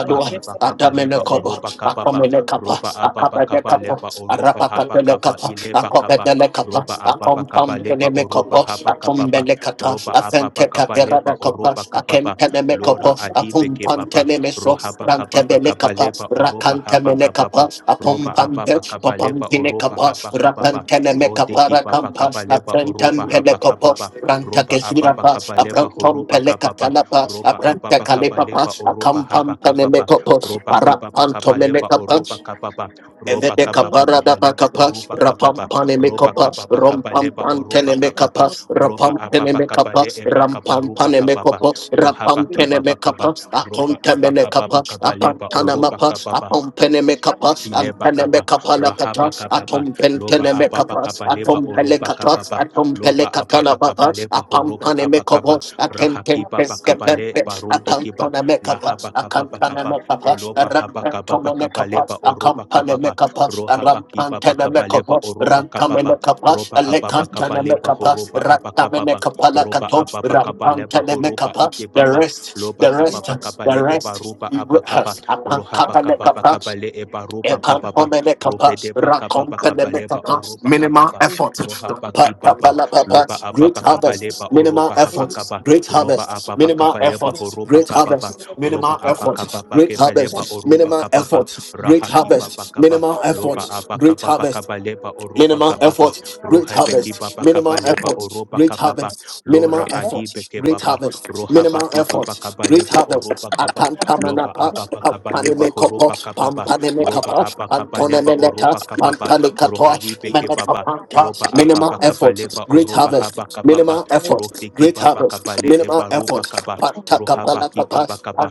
a chef. iba We Adamele kabaleba have a Kobo, oroba kababa Akomele Kappa, roba apapa Akabele kaba cook. Kappa, leba oroba Arapa haba Kapele kaba Kappa, iléba kaba. Akobele Kappa, roba apapa Akompam kaba leba Peneme oroba Kopo, haba kaba ba. Atombele Kata, roba apapa Afente kaba leba Kapera Kopa, oroba kaba Akem ba. Peneme Kopo, lora adipe Akum ke papa Panteleme rohapa kapa pa So, kapa kapa, lepa o roba rakante hapa mene kapa kapa, apom roba pampe, apapa kaba papam leba pine oroba kapa, haba kaba ba. pa rapante mene rode kapa ki papa rakampa, kapa lepa o Thank afrentem roba pele hapa kopo, kapa ranta roba kesura apapa pa, kaba leba afrontom oroba roba pele kapa pa katala pa, roba afrente apapa kale kaba leba oroba haba akampam pele kaba ba me kopo, ropa kipa pa parapanto kapa mene lepa kapa, oropa kapa pa ropa Evede kapa pa kapara kapa da lepa bakapa, oropa kapa rapam pa pane me ropa kapa, kapa pa kapa rompam lepa pan oropa tene me kapa pa kapa, ropa rapam apa tene pa me kapa kapa, le epa kapa rampam ropa pane me kapa pa kapa, kaba pa rapam you. pene me kapa, Thank you. akon ropa teme We apa ne kapa pa kapa, Thank you. apan Thank tana you oropa so mapa, kapa much. Jesus. apam Thank pene you me so kapa, much. I'm Ileba so antene me kapa, much. kapa la Thank kata, you rahaba so kapa much. pa, atom Jesus. pen loba tene me Most apapa kapa, kapa beautiful, leba atom pele beautiful oroba kata, Jesus. kapa pa, atom pele loba Beautiful, beautiful, beautiful. kata la apapa kapa baba, leba horoba apam ne me apa Rakapala, kobo kapa, atem tem rakapala, rahakiba pa pa peske kapa le pempe barude akanto kiba, ne me kapa lahaba kapa pa a ne rakapala, kapa, rakapala. Rakapala, rakapala, rakapala, me kapa oloba haba kapa rampanto pa ne me kapa kapa leba oroba akampa ne kapa me pa, rakapala. Rakapala, kapa rakapala, rohaba kiba pa rampante ne rakapala, me rakapala. kapa kobo leba oroba ranta kapa me me pa, Thank kapa roba apapa alekanta kapa ne me leba kapa horoba apa rata me kapa ne pa, kapa la roba kato apapa kapa rampante leba ne me horoba kapa ike the pa, rest loba the kapa rest pa kapa the le eba rest roba we apa kapa, rehearse upon roha kapa baka ne baba kapa kabale eba roba kababa Ekapomenekapa, rohede baka have baba kabaleba rakompenemekapa, oroba Minimal a kababa effort. roha baki baba Pa-pa-pa-la-pa-pa, loba Great ababa harvest. kabaleba Minimal oroba chef. effort. habakaba Great roba harvest. ababa Minimal kabaleba effort. horoba Great kababa harvest. roba Minimal effort. abaka baba Great kebeleba harvest. oroba Minimal kababa effort. you. Yes, Lord. Thank you. Thank you. Thank you. Thank you. Great raha ki baba harvest. kaba Minimal effort. loba abaka Great baba harvest. kabaleba oroba Minimal kababa effort, great roha beki harvest. baba Minimal kabaleba effort, oroba great kababa harvest. Minimal lora adi effort, beke great baba harvest. roha Minimal baki baba effort, great kabaleba harvest. oroba kaba loba Akantamanapa, ababa kabaleba horoba Panpanemekapa, kababa roba Panpanemekapa, aba kabaleba oroba Antonemeneta, kababa Pantalikatoa, rohaibe kebaba roba Menekapanta. Minimal ababa effort, kabaleba effort, great oroba haba harvest, kababa minimal effort, rohde great kibaba harvest, kabale minimal eba Thank roba effort. kaba you. rohaba kibaba Patakapalakapas, kaba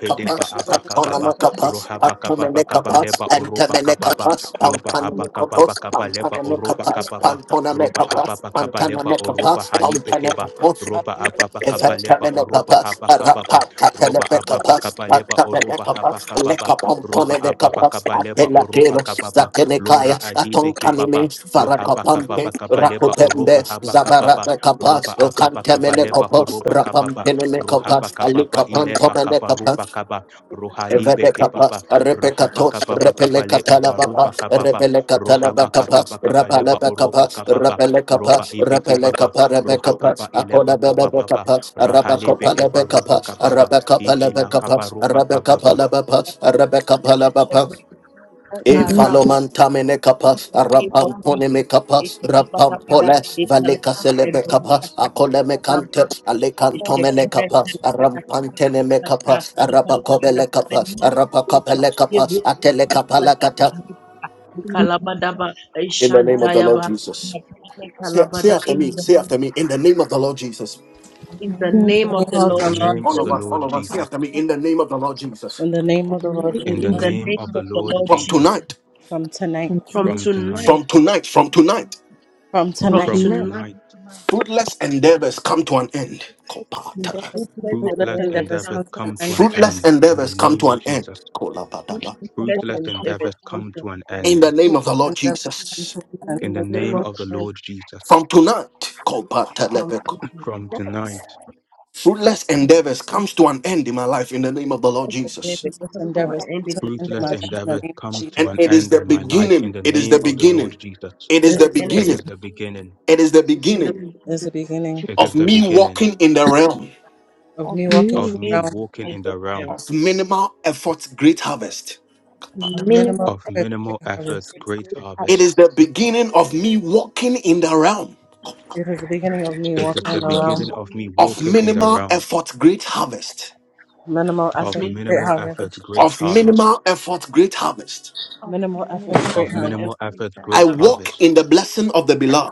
Thank you for aba comforting my kababa soul, pantonomakapas, Lord. rohaba Thank you kababa for feeling pantomelekapas, kabaleba me. oroba kababa Thank antamelekapas, you loba for aba your pampanamekapas, kababa goodness, Lord God. kabaleba oroba pampanamekapas, Thank you kababa for loving roba us. pantonomekapas, ababa Thank you for loving us. kabaleba pantanamekapas, oroba haibe keba pampanekapas, roba ababa kabaleba oroba Effectaminocabas, haba a kababa We roba thank you for loving us. ababa Evantamelekapas, Arapakakalebekapas, kabaleba Thank oroba haba you Antamelekapas, for loving kababa us. Thank you for roba loving ababa us. Lekapomponelekapas, Thank kabaleba you, Jesus. oroba Apelateros, Thank kababa you, Jesus. lora Zatelekaya, Thank adibe you, Jesus. kibaba Atonkanime, Thank you, Jesus. lohaba Farakapampe, kababa Thank you kabaleba for loving Rakutembe, oroba us. haba Thank you for kababa loving roba Zabarakapas, us. ababa We kabaleba Okantemelekapas, horoba thank you kababa for loving us. Thank rohaba Rapampenelekapas, kababa you for loving us. ileba Thank Alikapantomelekapas, kabaruba kaba you for loving us. Thank you for rohalibe Evade loving kapas, kibaba repe rahaba katos, kababa repele us. kabale Thank katala baba, ebaruba you kababa for repele katala loving us. Thank you for loving us. Thank you for loving us. Thank you for loving rohaba us. bakapa, kababa Thank you rapala kabaleba for bakapa, oroba kababa loving repele kapa, roba ibe repele kibaba kapa, rebe kapa, rohakaba us. ileba akola bebe From kababa bekapa, araba kopa rahalebe lebe ebaruba kapa, kababa araba kapa lebe kapa, araba kapa Ikelakabarubakababa. lebe pa, araba kapa lebe pa, Arapa Evalomantamene kapa, in the name of arampampone Jesus. me kapa, Ekababababada, rampampole, ekala, valeka selebe kapa, erbiakata, akole me kante, kababada, alekantomene kapa, eshekebrekelebada, arampantene me akatata, kapa, ekababada, arapakobele kapa, meninakukucha, arapakopele kapa, atele kapa yebukababada, lakata. nabika, ikalabadaba, In the name of the Lord ishantayaba, Jesus. nabika, Say, say ikalabada, ba ishantaya ba ikalabada after In me, the say name after me, in the name of the Lord Jesus. in the name of name the of In Lord the the Lord name All of of Jesus, the In Jesus. us, the Lord all of name us, say Jesus, of after the me, Lord, in the name of the Lord Jesus. In the name of the Lord in the in Jesus, the name name name of of the of the the Lord Lord, Lord From Jesus, Jesus, tonight, from tonight, from tonight, from tonight, tonight, from tonight, from come to me, tonight, from from from tonight, from tonight, tonight, come tonight, to me. fruitless endeavors come to an end. let's endeavors come to fruitless Be an and fruitless fruitless end. blessed barren, and endeavors come endeavors come to blessed to an come up to end. an to me. Fruitless end. In the endeavors come name to of an Jesus, end. Kolba. Fortune's fruitless fruitless endeavors and come to comes endeavors an end. come come to to an an end. In end. the name of the Fruitless Lord endeavors In come Jesus. to an the end. name In In the the of the name name Lord of of the the Jesus, Lord, Lord Jesus, From tonight, Kolba from from Telebeko. <clears throat> Jesus, from tonight, tonight, fruitless from the endeavors beginning, comes just forget the in the Fruitless name capital endeavors of and end come to in Jesus, an the end in name fruitless my of life endeavors come in to the endeavors Jesus. name of an comes end. to and Jesus. an it is end the in from my blood life. In beginning. the in It is the name of Jesus' the Lord name. beginning. Jesus, It It is is the Take the And it begin. beginning, it the is is the beginning, beginning. It is the it since the beginning, since the is the beginning beginning it is the beginning It of is the me beginning walking in the realm of of me walking me of of in me me the working realm with who walking the is in the the Lamb realm worms of minimal effort, great harvest. of of minimal minimal of effort, effort minimal great of God effort, harvest. with great great Christ. It harvest is harvest. the beginning of me walking in the realm It is the At beginning of the me It It is is walking in the beginning the the of me realm beginning beginning of the of working me in in the of the walking worms in name of the minimal realm minimal effort, harvest, of minimal of of effort, me great minimal who is effort, harvest. great of the Lamb, harvest. minimal effort. of Minimal of of effort, minimal me great Of not minimal level ever harvest. minimal effort, effort, greater. great I great faith. service. harvest. walk harvest. in the blessing of the beloved.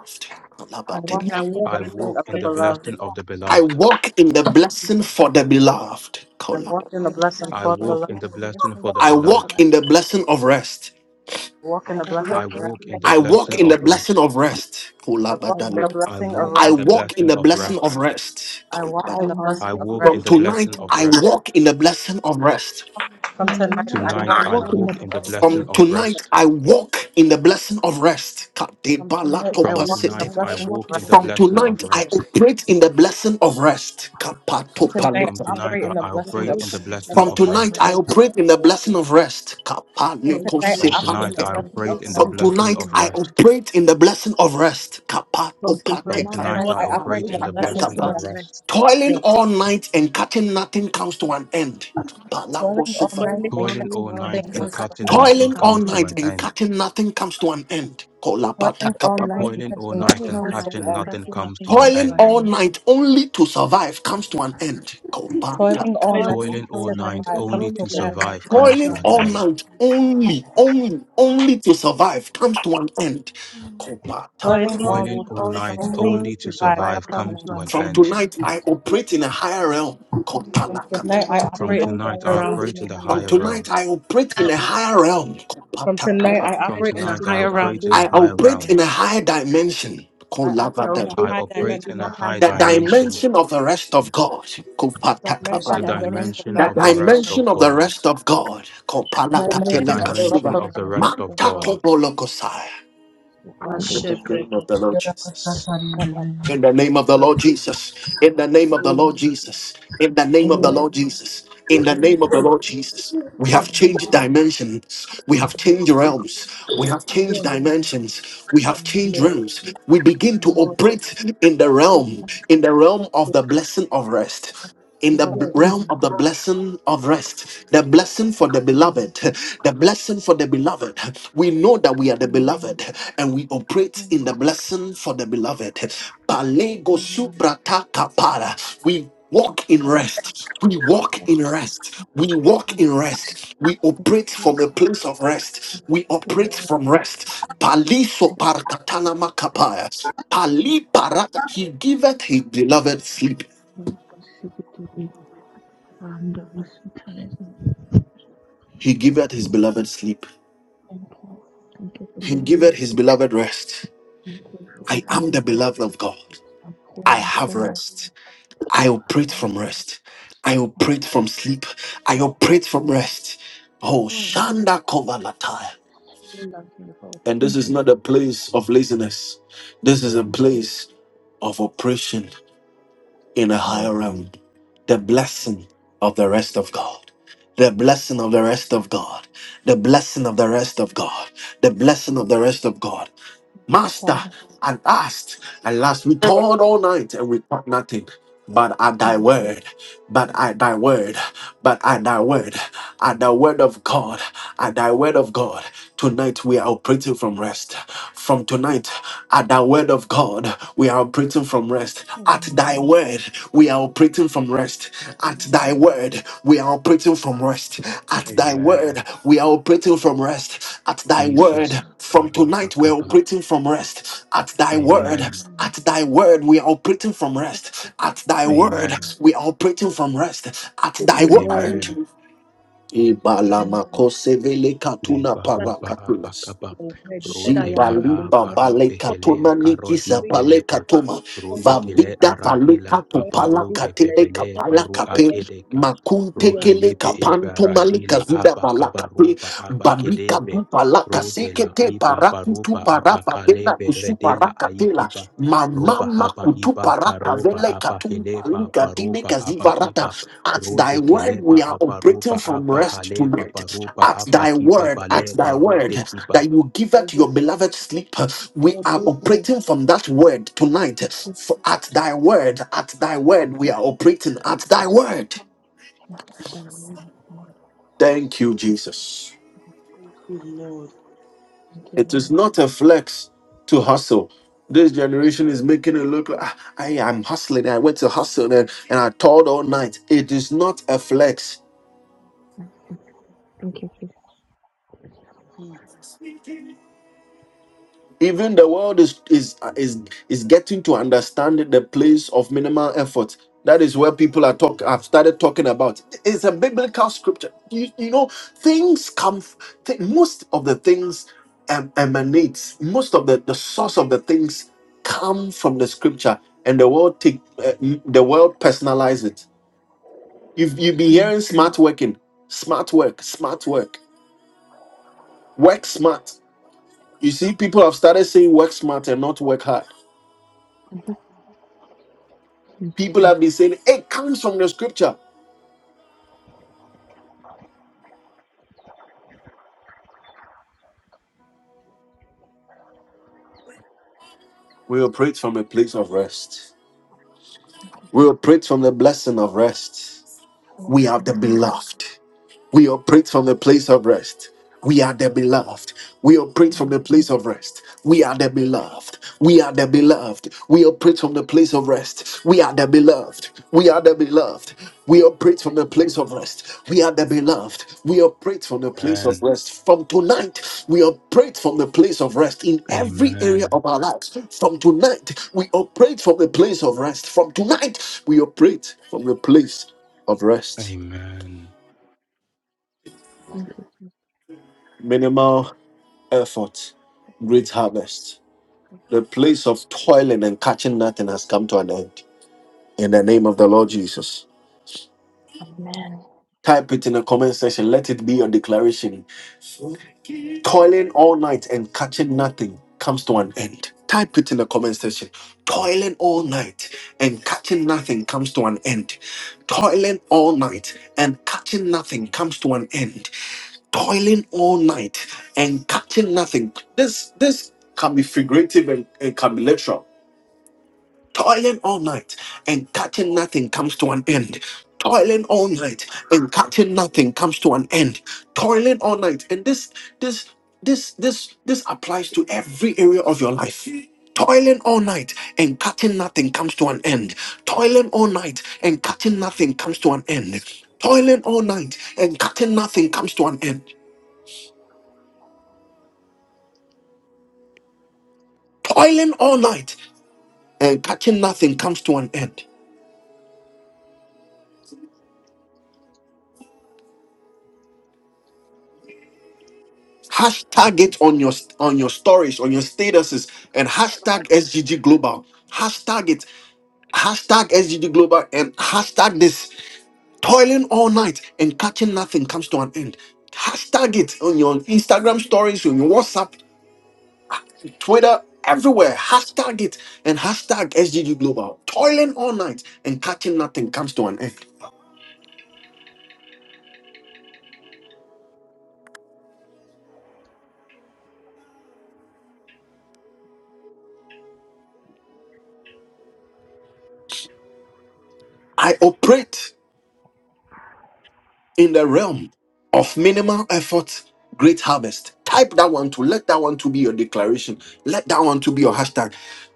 I I I walk I walk walk in the in in walk the I the in the blessing walk of the in blessing blessing the of of blessing the our of beloved. the blessing of Lord. beloved. the I beloved. walk in the blessing for the beloved. I walk in I the I blessing walk I for the in walk the walk beloved. in in the the blessing blessing blessing for of the the I of the beloved. beloved. walk in divine. the blessing of rest. I walk I in the I I blessing I walk walk of in in walk rest. the walk in in the the I blessing of walk blessing blessing in of of rest. the the grace. rest. blessing rest. of rest. I I walk in I the Kolabadalepet, walk walk in I in the blessing I the of walk in walk rest. the blessing of in the rest. blessing of blessing of rest. rest. I I walk kolabad- in the I walk walk blessing I I in in of the walk walk in in From the rest. the blessing of the blessing blessing rest of of blessing rest. rest. from From tonight, tonight. I I of the Lord. Tonight Tonight walk I Continue in I walk the walk in the walk in blessing to the in the of blessing of blessing rest. blessing of of rest bless rest. the Lord. rest. it From tonight, from I From You From will walk tonight. be in the capacity. tonight tonight, I I I blessed blessing of with walk walk walk in in the in the rest. the the From blessing blessing blessing of of of tonight, blessing the rest. of I Lord. rest. rest. operate in the From From tonight, From kapatopaleta. I tonight, tonight operate I I in the I I blessing operate of rejoice in the rest. in the create I in blessing walk in From the of blessing the of tonight, blessing rest. of rest. I blessing rest of operate in the the black From Lord. now. From tonight, From From I I operate now in tonight, tonight I the on, I create kapalekosepateka. blessing in the operate rejoice of in in the rest. the blessing From of blessing blessing tonight, of of I rest. rest. operate in the blessing of rest. From rest From From tonight, From now. I Kapatopateka. I tonight tonight, tonight, walk I I I in operate operate create in rejoice the in in the in the the the faith blessing blessing blessing of blessing of of of of the rest. rest. rest. rest. Toiling rest, all night and catching nothing comes to an end. Toiling all Palakosofa. Praying night all toiling and Toiling up night Toiling and catching all all my night catching night, nothing It- the and hope, comes nothing to an catching cutting comes end. nothing setting from nothing Toiling comes up all comes God. to and an to night an end. and end. catching nothing comes to an end. Toiling all Kolapatakapa. toiling up night Praying Come, my and Toiling all all catching night night nothing toiling and and all comes to catching night, an catching the hope, end. nothing nothing catching comes comes nothing from to an comes God. to Toiling an end. all end. night only to survive comes to an end. Toiling Kopataka. all night toiling only up Toiling Toiling all all to night night, survive only comes only only to to to an Being for end. my survive able survive to comes own, comes catch to to Toiling an an all end. end. night and survive. only, only, only to survive comes to an end. grateful. Kopatapa. Toiling toiling all Praying Toiling Toiling on all all all my night night night night, and own only to only only being to to way, able to survive survive comes survive not to comes an comes end. survive to to an an comes From end. end. my from tonight, God. I operate in a higher realm. From From hope. tonight, Kopalakata. I From From operate tonight, in tonight, I I tonight will the I pray realm. place to in operate in the a the From higher higher higher realm. realm. realm. tonight, I operate in a higher realm. From From tonight, Kopatakapa. I and From tonight, operate in From I a tonight hands I tonight, are higher put I will operate realm. in place a taking I in on higher a you higher operate realm. them, in realm. a higher dimension. I I operate will in and a There I put high is grace creating them, operate dimension, an in in a a all high high them high the made dimension, dimension, dimension, dimension of the rest of God. the a the the Kopatakaba. the dimension name of the rest dimension of of dimension dimension of The the of the God, the rest rest of rest of of dimension of God, of God, the God, rest of God. the the the the dimension dimension, dimension of the of the rest dimension Kopalakatelekasuba. dimension of of of rest God. the the of rest God. rest of of God. God. Mantakobolokosai. I In Amen. the shall name break of it. the Lord Jesus. In the name of the And Lord Jesus. In the Thank name of the Lord you. Jesus. In the name of the Amen. Lord Amen. Jesus. In the name of the Jesus, Lord Jesus. We have Lord, the changed Amen. Lord dimensions. We have Amen. changed is realms. Thank you, We Jesus. have changed Thank yes, you, Amen. dimensions. We yes, have Amen. changed Lord, realms. We Jesus. begin Thank you, to Jesus. Lord. Amen. operate in the Oh, realm, in the realm of the blessing of rest. In the b- Lord, thank Yes. realm of the blessing of rest, the blessing for the Amen. beloved, the blessing for the beloved. We know that we are the Amen. beloved and we operate in the Amen. blessing for the beloved. Palego Amen. subrata kapara. We walk in rest. We walk in rest. We walk in rest. We operate from a place of rest. We operate from rest. Paliso parkatanama kapaya. Pali parata. He giveth his beloved sleep. you for the possibility and the possibilities. He giveth his beloved sleep. Thank you. Thank you for He giving me giveth his sleep. beloved rest. Thank you for I leading am me the to beloved of God. i I have Apostle rest. I operate of from rest. Christ, I operate from sleep. I operate completely. from rest. Oh, Oh, Shanda Kovalatai. it's so lovely, God. And this Thank is you, not a so place of laziness. This is a thank you, place of operation in a thank higher realm. The blessing of the rest of God. The blessing of the rest of God. The blessing of the rest of God. The blessing of the rest of God. you, Master, Father. at last, at last, we toiled all night and we caught nothing. But at thy Thank word, but at thy word, but at thy word, at the word of God, at thy word of God, tonight we are operating from rest. From tonight, at the word of God, we are operating from rest. At Amen. Amen. thy Amen. word, we are operating from rest. At thy word, we are operating from rest. At thy Amen. Amen. word, we are operating from rest at thy Jesus. word from tonight we're Kalubakaba. operating from rest at thy you, word Amen. at Amen. thy word we are operating from rest at thy thank you, word Amen. we Amen. are operating from rest at thy word Amen. Amen. Amen. In the name Ibalamakosevele le katuna that baroba parakatuna. abakaba you have heard, he said, I am rodela your Jibaliba deliverer. vale abarube For hele the katona karodi nikisa greatest pale beleba of katoma all robe troubles kele vavida vale aradila kato that you pala do paparube said, katele bebele and to kapala baru go kape and akedeka to makunte your kele rohalebe kapanto malika ebaradila zuda bala abakaba kape roba balika abakedebe bu pala rodela kasekete iba para kutu baroba para babena abakalebe kusu redela para kapela aikiba roba mamama haba kutu iba para karoba kavele katu abaheleba paluka dine baroba kazivarata abakiba at thy Rode word we keleba are apa operating ruba from apa rest to haleba rest baruba at apa thy kiba word at thy baleba rude word kiba. that you will give the her to work, your beloved sleep. We the are goodness operating from that word tonight. For at thy word, at thy word, we are operating at thy word. Thank you, Jesus. of the Lord. thank you, It is Lord. not a flex to hustle. This generation is making it look like "Ah, I am hustling. I went to hustle and, and I toiled all night. It is not a flex. Thank you, thank you, Jesus. Hmm. Even the world is is is is getting to understand the place of minimal effort. That is where people are talk. I've started talking about. It's a biblical scripture. You, you know, things come. Th- most of the things em- emanates. Most of the the source of the things come from the scripture, and the world take uh, m- the world personalize it. You've you've been hearing Thank smart working, smart work, smart work, work smart. You see, people have started saying work smart and not work hard you, Jesus. People have been saying it comes from the scripture. We operate from a place of rest. We operate from the blessing of rest. Thank We have the you, beloved. We operate from a place of rest. We are the beloved. We operate from Lord. a place of rest. We are the beloved. We are the beloved. We operate from the place of rest. We are the beloved. We are the beloved. We operate from the place of rest. We are the beloved. We operate from the place of Amen. rest. From tonight, we operate from the place of rest in every area Amen. of our lives. From tonight, we operate from the place of rest. From tonight, we operate from the place of rest. Amen. Thank you, Minimal effort, great harvest. The place of toiling and catching nothing has come to an end. In the name of the Lord Jesus. Amen. Type it in the comment section. Let it be your declaration. Toiling all night and catching nothing comes to an end. Type it in the comment section. Toiling all night and catching nothing comes to an end. Toiling all night and catching nothing comes to an end. Toiling all night and catching nothing. This this can be figurative and, and can be literal toiling all night and catching nothing comes to an end. Toiling all night and catching nothing comes to an end. Toiling all night and this this this this this applies to every area of your life. Toiling all night and catching nothing comes to an end. Toiling all night and catching nothing comes to an end. Toiling all night and catching nothing comes to an end. Toiling all night and catching nothing comes to an end. hashtag it on your on your stories on your statuses and hashtag sgg global hashtag it hashtag sgg global and hashtag this toiling all night and catching nothing comes to an end hashtag it on your instagram stories on your whatsapp twitter everywhere hashtag it and hashtag sgg global toiling all night and catching nothing comes to an end i operate in the realm of minimal effort, great harvest. Type that one to let that one to be your declaration. Let that one to be your hashtag.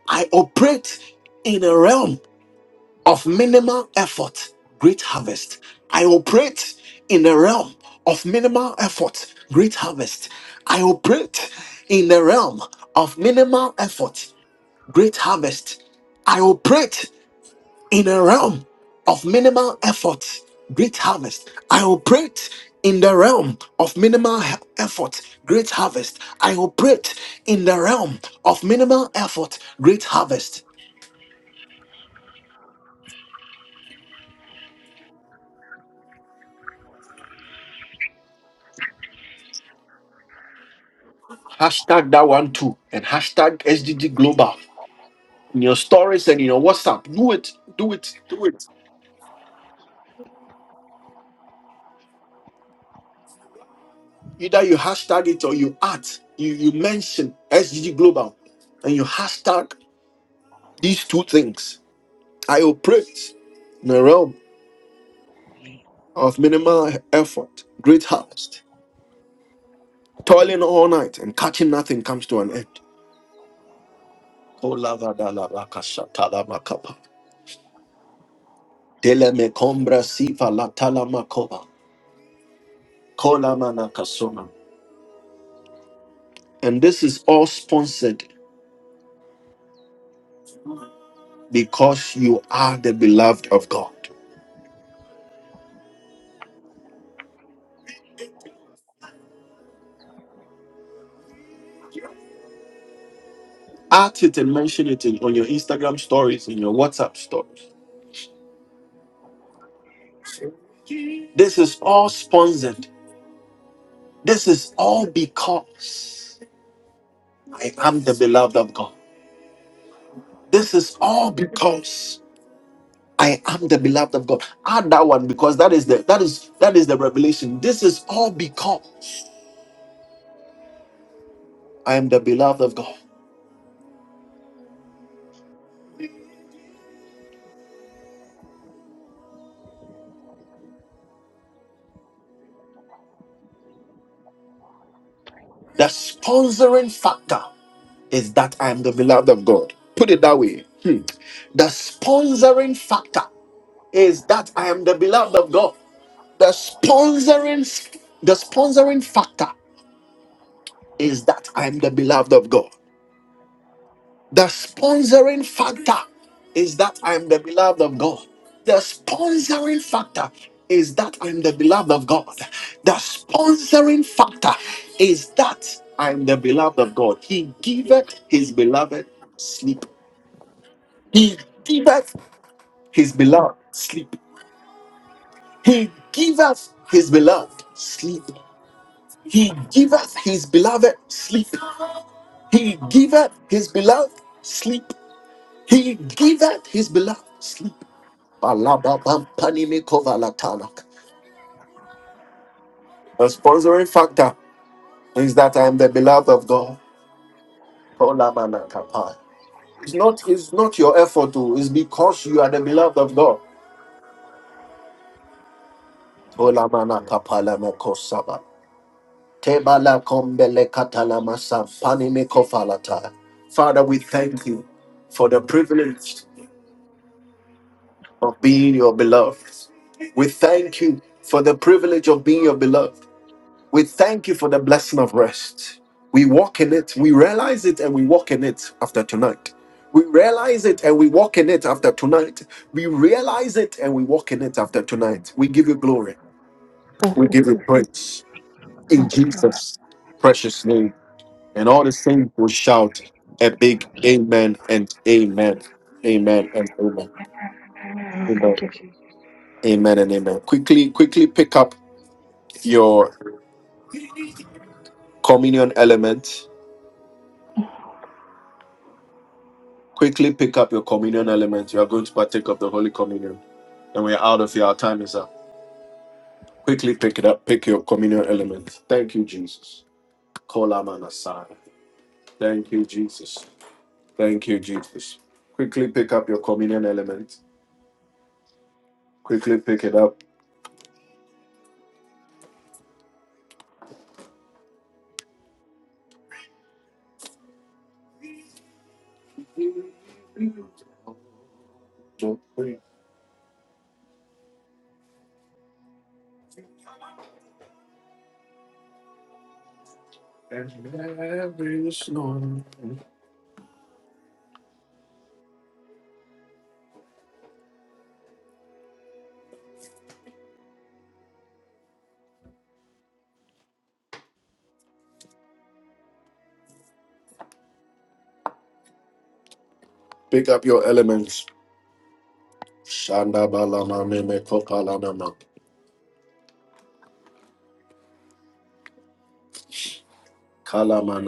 I operate in a realm of minimal effort, great harvest. I operate in a realm of minimal effort, great harvest. I operate in the realm of minimal effort, great harvest. I operate in a realm of minimal effort, great harvest. I operate in the realm of minimal he- effort, great harvest. I operate in the realm of minimal effort, great harvest. Hashtag that one too, and hashtag SDG Global in your stories and in your WhatsApp. Do it, do it, do it. Either you hashtag it or you add, you, you mention SDG Global and you hashtag these two things. I operate in the realm. of minimal effort, great harvest. Toiling all night and catching nothing comes to an end. Kolavadalabakashatalamakapa. Telemekombrasivalatalamakoba. Kolamanakas. And this is all sponsored because you are the beloved of God. Add it and mention it in, on your Instagram stories, in your WhatsApp stories. This is all sponsored. This is all because I am the beloved of God. This is all because I am the beloved of God. Add that one because that is the that is that is the revelation. This is all because I am the beloved of God. The sponsoring factor is that I am the beloved of God. Put it that way. The sponsoring factor is that I am the beloved of God. The sponsoring the sponsoring factor is that I am the beloved of God. The sponsoring factor is that I am the beloved of God. The sponsoring factor is that I am the beloved of God. The sponsoring factor is that I am the beloved of God. He giveth his beloved sleep. He giveth his beloved sleep. Give his beloved. He give his beloved sleep. He giveth sleep. He giveth sleep. Is that I am the beloved of God. Oh, It's not it's not your effort to it's because you are the beloved of God. Olamana kapala me Tebala kombele katala masa. Pani Father, we thank you for the privilege of being your beloved. We thank you for the privilege of being your beloved. We thank you for the blessing of rest. We walk in it, we realize it, and we walk in it after tonight. We realize it and we walk in it after tonight. We realize it and we walk in it after tonight. We give you glory. Thank you, We give you Jesus. praise. In Thank you, Lord. Jesus' precious name. And all the saints will shout a big amen and amen. Amen and amen. Amen. Amen. Thank you, Jesus. Amen and amen. Quickly, quickly pick up your communion element.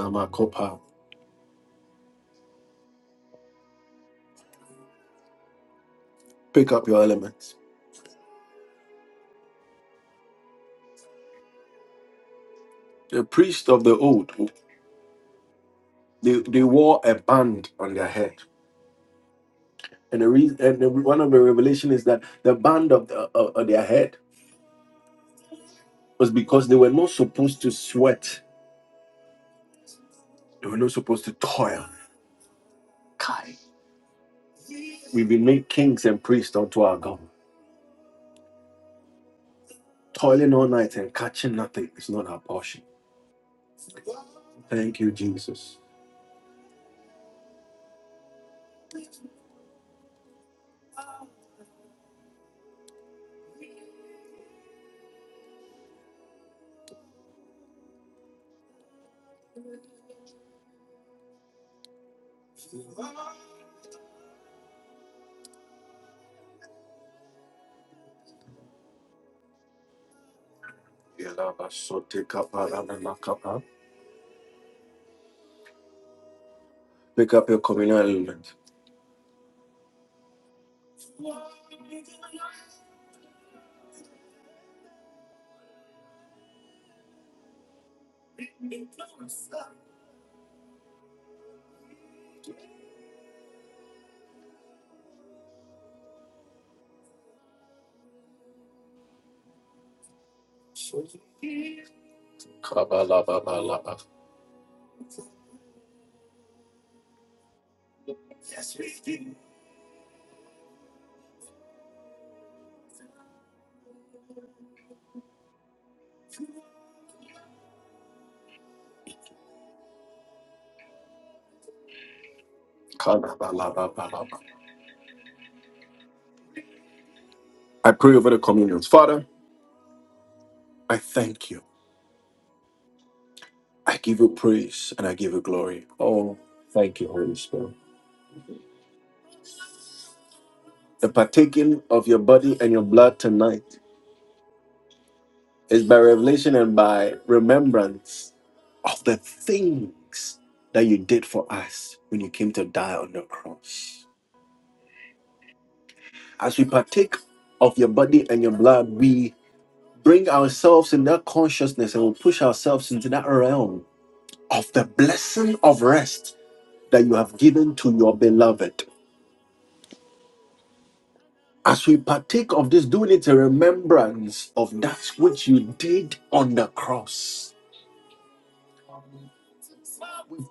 Kalamakopa. Pick them. the priests of the old they, they wore a band on their head and the reason and the, one of the revelation is that the band of, the, of, of their head was because they were not supposed to sweat they were not supposed to toil Kai. we've been made kings and priests unto our god toiling all night and catching nothing is not our portion thank you jesus Kalabalabalaba. i pray over the communions father i thank you i give you praise and i give you glory oh thank you holy spirit The partaking of your body and your blood tonight is by revelation and by remembrance of the things that you did for us when you came to die on the cross. As we partake of your body and your blood, we bring ourselves in that consciousness and we push ourselves into that realm of the blessing of rest that you have given to your beloved. As we partake of this, doing it in remembrance of that which you did on the cross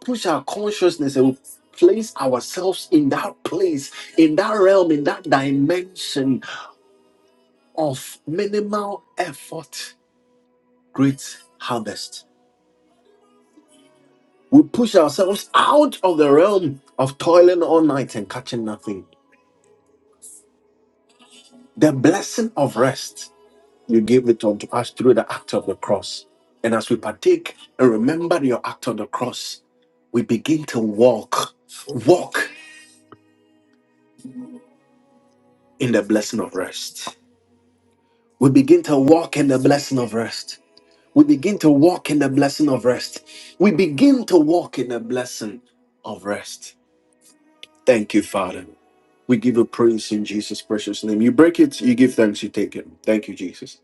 push our consciousness and place ourselves in that place, in that realm, in that dimension of minimal effort, great harvest. We push ourselves out of the realm of toiling all night and catching nothing. The blessing of rest, you gave it unto us through the act of the cross. And as we partake and remember your act of the cross, we begin to walk, walk in the blessing of rest. we begin to walk in the blessing of rest. We begin to walk in the blessing of rest. We begin to walk in the blessing of rest. Thank you, Father. We give a praise in Jesus' precious name. You break it, you give thanks, you take it. Thank you, Jesus.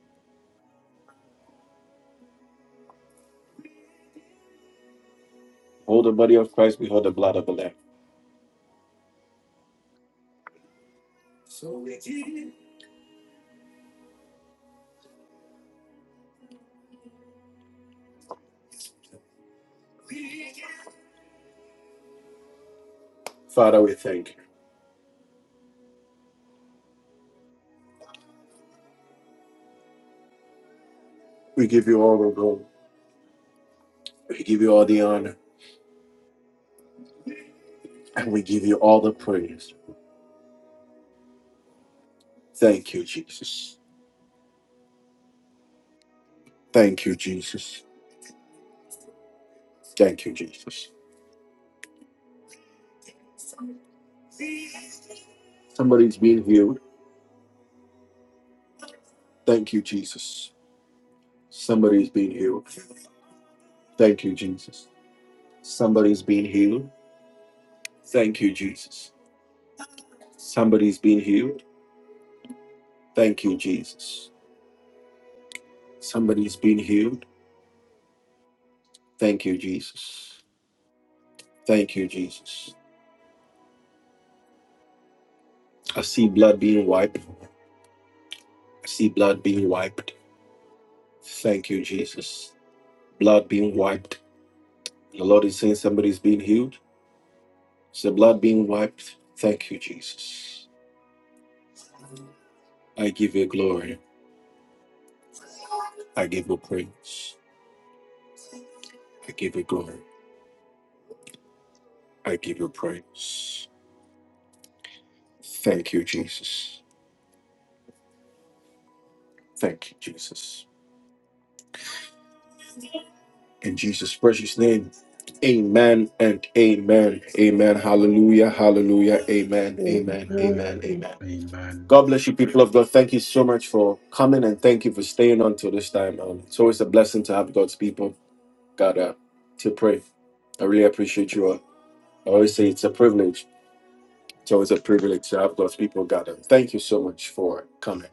We give you all, we give you all the honor, and we just thank you, Jesus. Thank you, Jesus. Somebody's been healed. Thank you, Jesus. Thank you, Jesus. I see blood being wiped. I see blood being wiped. Thank you, Jesus. Blood being wiped. The Lord is saying somebody's being healed. Is the blood being wiped? Thank you, Jesus. I give you glory. I give you praise. I give you glory. I give you praise. Thank you, Jesus. Thank you, Jesus. In Jesus' precious name, amen and amen. Amen. Hallelujah. Hallelujah. Amen. Amen. Amen. Amen. Amen. Amen. Amen. God bless you, people of God. Thank you so much for coming and thank you for staying until this time. Um, it's always a blessing to have God's people God uh, to pray. I really appreciate you all. I always say it's a privilege. It's always a privilege to have God's people gather. Thank you so much for coming.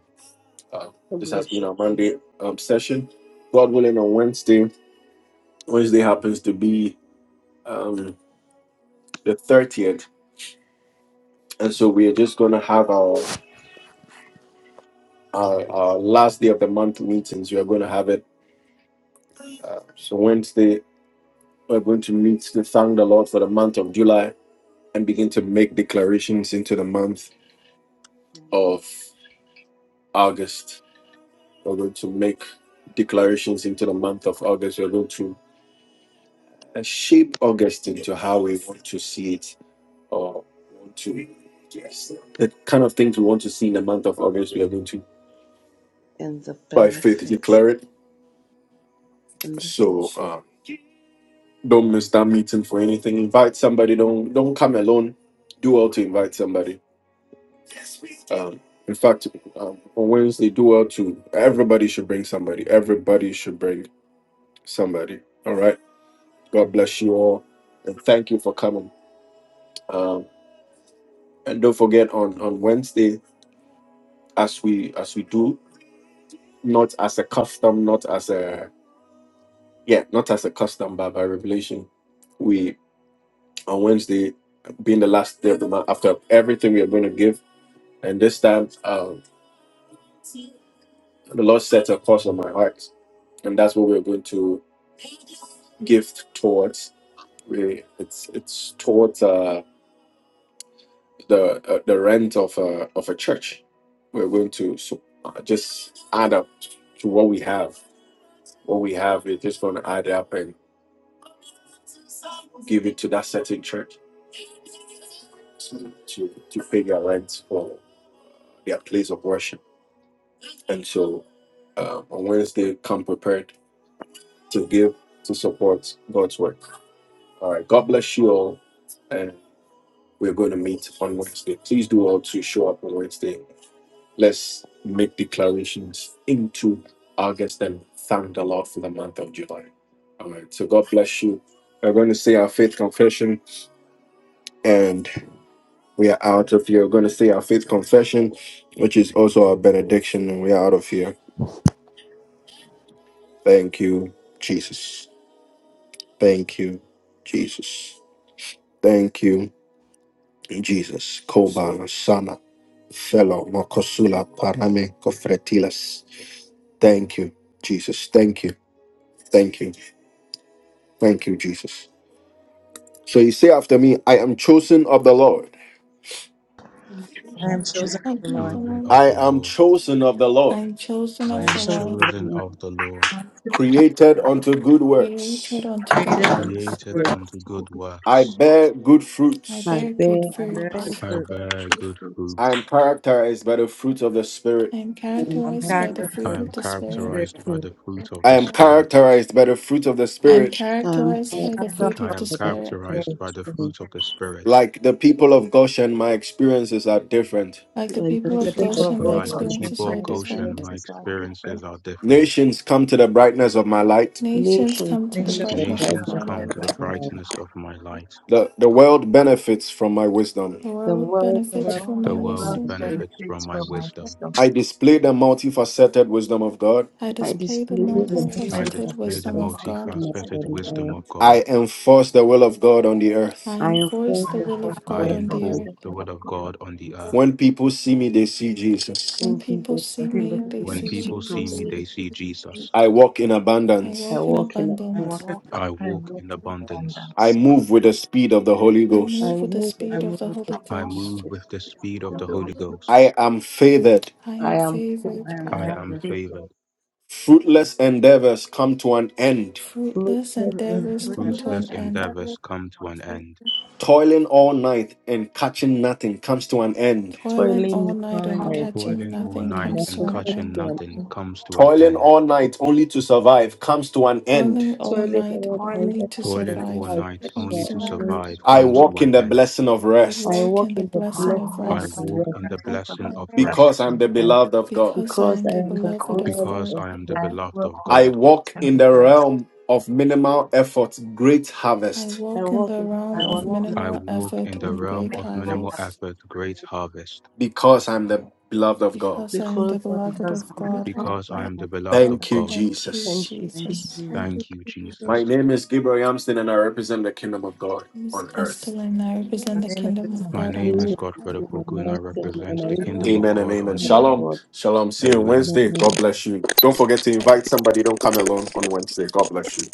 Uh, God this has bless been our you Monday um, session. God willing, on Wednesday, Wednesday happens to be um, the 30th. And so we are just going to have our, our our last day of the month meetings. We are going to have it. Uh, so Wednesday, we're going to meet to thank the Lord for the month of July and begin to make declarations into the month of August. We're going to make declarations into the month of August. We're going to uh, shape August into how we want to see it or want to, yes, the kind of things we want to see in the month of August. We are going to, and the by faith, benefits declare it. and the So uh, don't miss that meeting for anything. Invite somebody. Don't don't come alone. Do well to invite somebody. Um, in fact, um, on Wednesday, do well to everybody should bring somebody. Everybody should bring somebody. All right. God bless you all, and thank you for coming. Um, and don't forget on on Wednesday, as we as we do, not as a custom, not as a yeah, not as a custom, but by revelation, we on Wednesday being the last day of the month after everything we are going to give, and this time um, the Lord set a course on my heart, and that's what we're going to give towards. We, it's it's towards uh, the uh, the rent of a of a church. We're going to so, uh, just add up to what we have What we have, we're just going to add up and give it to that certain church to, to, to pay their rent for their place of worship. And so um, on Wednesday, come prepared to give to support God's work. All right. God bless you all. And we're going to meet on Wednesday. Please do all to show up on Wednesday. Let's make declarations into August and thank the Lord for the month of July. All right. So God bless you. We're going to say our faith confession. and. We are out of here. We're going to say our faith confession, which is also our benediction, and we are out of here. Thank you, Jesus. Thank you, Jesus. Thank you, Jesus. Koba Sana Fellow Mokosula Parame Kofretilas. Thank you, Jesus. Thank you. Thank you. Thank you, Jesus. So you say after me, I am chosen of the Lord. I'm I choosing am the very Worship chosen of Thank the of you, Lord. the the Lord. Chosen Lord. of I the am Lord. chosen of the I Lord, am chosen I I am of the am chosen and Lord, of the chosen Lord. of the Lord, Worship of created the Lord. unto good created works. unto good Created fruit blessings unto the works. created word. which unto To be good good, I works. bear good I fruits. I bear bear good I of bear good Thank faith. fruits. I fruit. good, bear good. good good. I am fruits. characterized by the fruit of the Spirit. I am and I'm the I characterized time am by the characterized by I fruit the fruit of am the of characterized the of Spirit. the by the characterized Spirit. by fruit the spirit. of the fruit of I the Spirit. am Spirit. characterized by the fruit of the I am Spirit. I'm characterized I'm by grateful the I'm characterized fruit I of by the the am fruit of characterized the Spirit. by the to Spirit. characterized the fruit by of the the spirit. fruit of Spirit. the Spirit. Like the people of Goshen, my experiences are different. Like the Like the people Like the of The people But that people the of people Goshen, my of serve people Goshen, Like of God the like and share God experiences people my the should of are by Goshen, different. the my experiences experiences are out of different experiences are difference, different. Nations come to the brightness of my light. Nations nations come to the come nation to creation the nation, brightness of itself Nations my brightness and to the come the to the of light. of right, the brightness of light. brightness of light. my light. The, the world benefits from my wisdom. The The world world the The set benefits world. from world my The upon world above my wisdom. benefits from feet. I benefits their from benefits my for my wisdom, wisdom. wisdom. I display the multifaceted wisdom of God. I I display the display and the is display through the I I the benefit multifaceted of newly mighty display receive the the fact the wisdom of perfected festival God. of wisdom of multifaceted multifaceted the God. wisdom Lord. wisdom of from God. I enforce the will of God on the I earth. I enforce offend I the the I am will of I and God forceful. enforce sinful on the for and the will the of enforce earth. the seven God will of in of you. God. God on the earth. When people see me, they see Jesus. When clean people people. see When When people me, see they people it, When My see see people me, people see Jesus. me, they see they see it see in Jesus. Jesus. I Jesus. walk in I I abundance. walk in walk in a I I tent. walk abundance. in walk it. I in I walk walk in in abundance. abundance. I abundance. move with the speed of the Holy I I Ghost. move with the move with I speed the of move the with I spirit it. Holy I of love with Ghost. move the wisdom. with the The speed of the speed of speed of Holy the the Holy Holy Ghost. Ghost. Ghost. I am favored I I am am I I am favored. am I I am free. am fruitless, saved. favored. So Fruitless endeavors come to an end. Fruitless fruitless fruitless, in my endeavors and come to Ruthless Fruitless an end. endeavors endeavors come come to to an an end. end. Toiling all night and catching nothing comes to an end. Toiling all toiling night with dwelling and on my Toiling, breath catching Toiling all nothing in night my comes and to an catching end. possession. nothing comes to an Toiling end. all night only to survive comes to an end. Toiling So all early night morning, I only toiling, get to the Toiling all survive sky, night comes the only to to survive an moon, end. survive comes to an I comes and to the walk in an the end. blessing of I I rest walk walk in the in the end. my I blessing of blessing my walk of I the life in rest walk Lord the in only the regrets to blessing survive of that because rest I'm soon. the And beloved of God. because I because am I the am the because beloved I'm because of blood because God. of I am the God. I beloved walk of in I the God. walk blessing in of the rest. realm of minimal effort, great I harvest I walk in walk the in I realm I of walk in work the I realm minimal in the walk effort in realm of the and of peace realm great this of minimal great minimal house and harvest effort, great experience. harvest because I'm the beloved of God. because I am the because I am beloved because of I'm the God. God, beloved. because I'm I am the blessed beloved of after Thank you, God. God. Thank you, thank Jesus. you, Thank Jesus. you, Jesus. Jesus. you, Thank you, Jesus. My name is Gabriel Yamston and I represent the kingdom of God Miss on earth. Esther and I represent My the name is kingdom of My I God Victoria. on name is mean, earth. Godfred in the Opoku and I mountain represent and I the will Jesus. be kingdom the of Amen and God Thank you. amen. on name the Amen. earth. Shalom. of Shalom. See you on Amen. God. Wednesday. God bless you. Don't forget to invite somebody. Don't come alone on Wednesday. God bless you.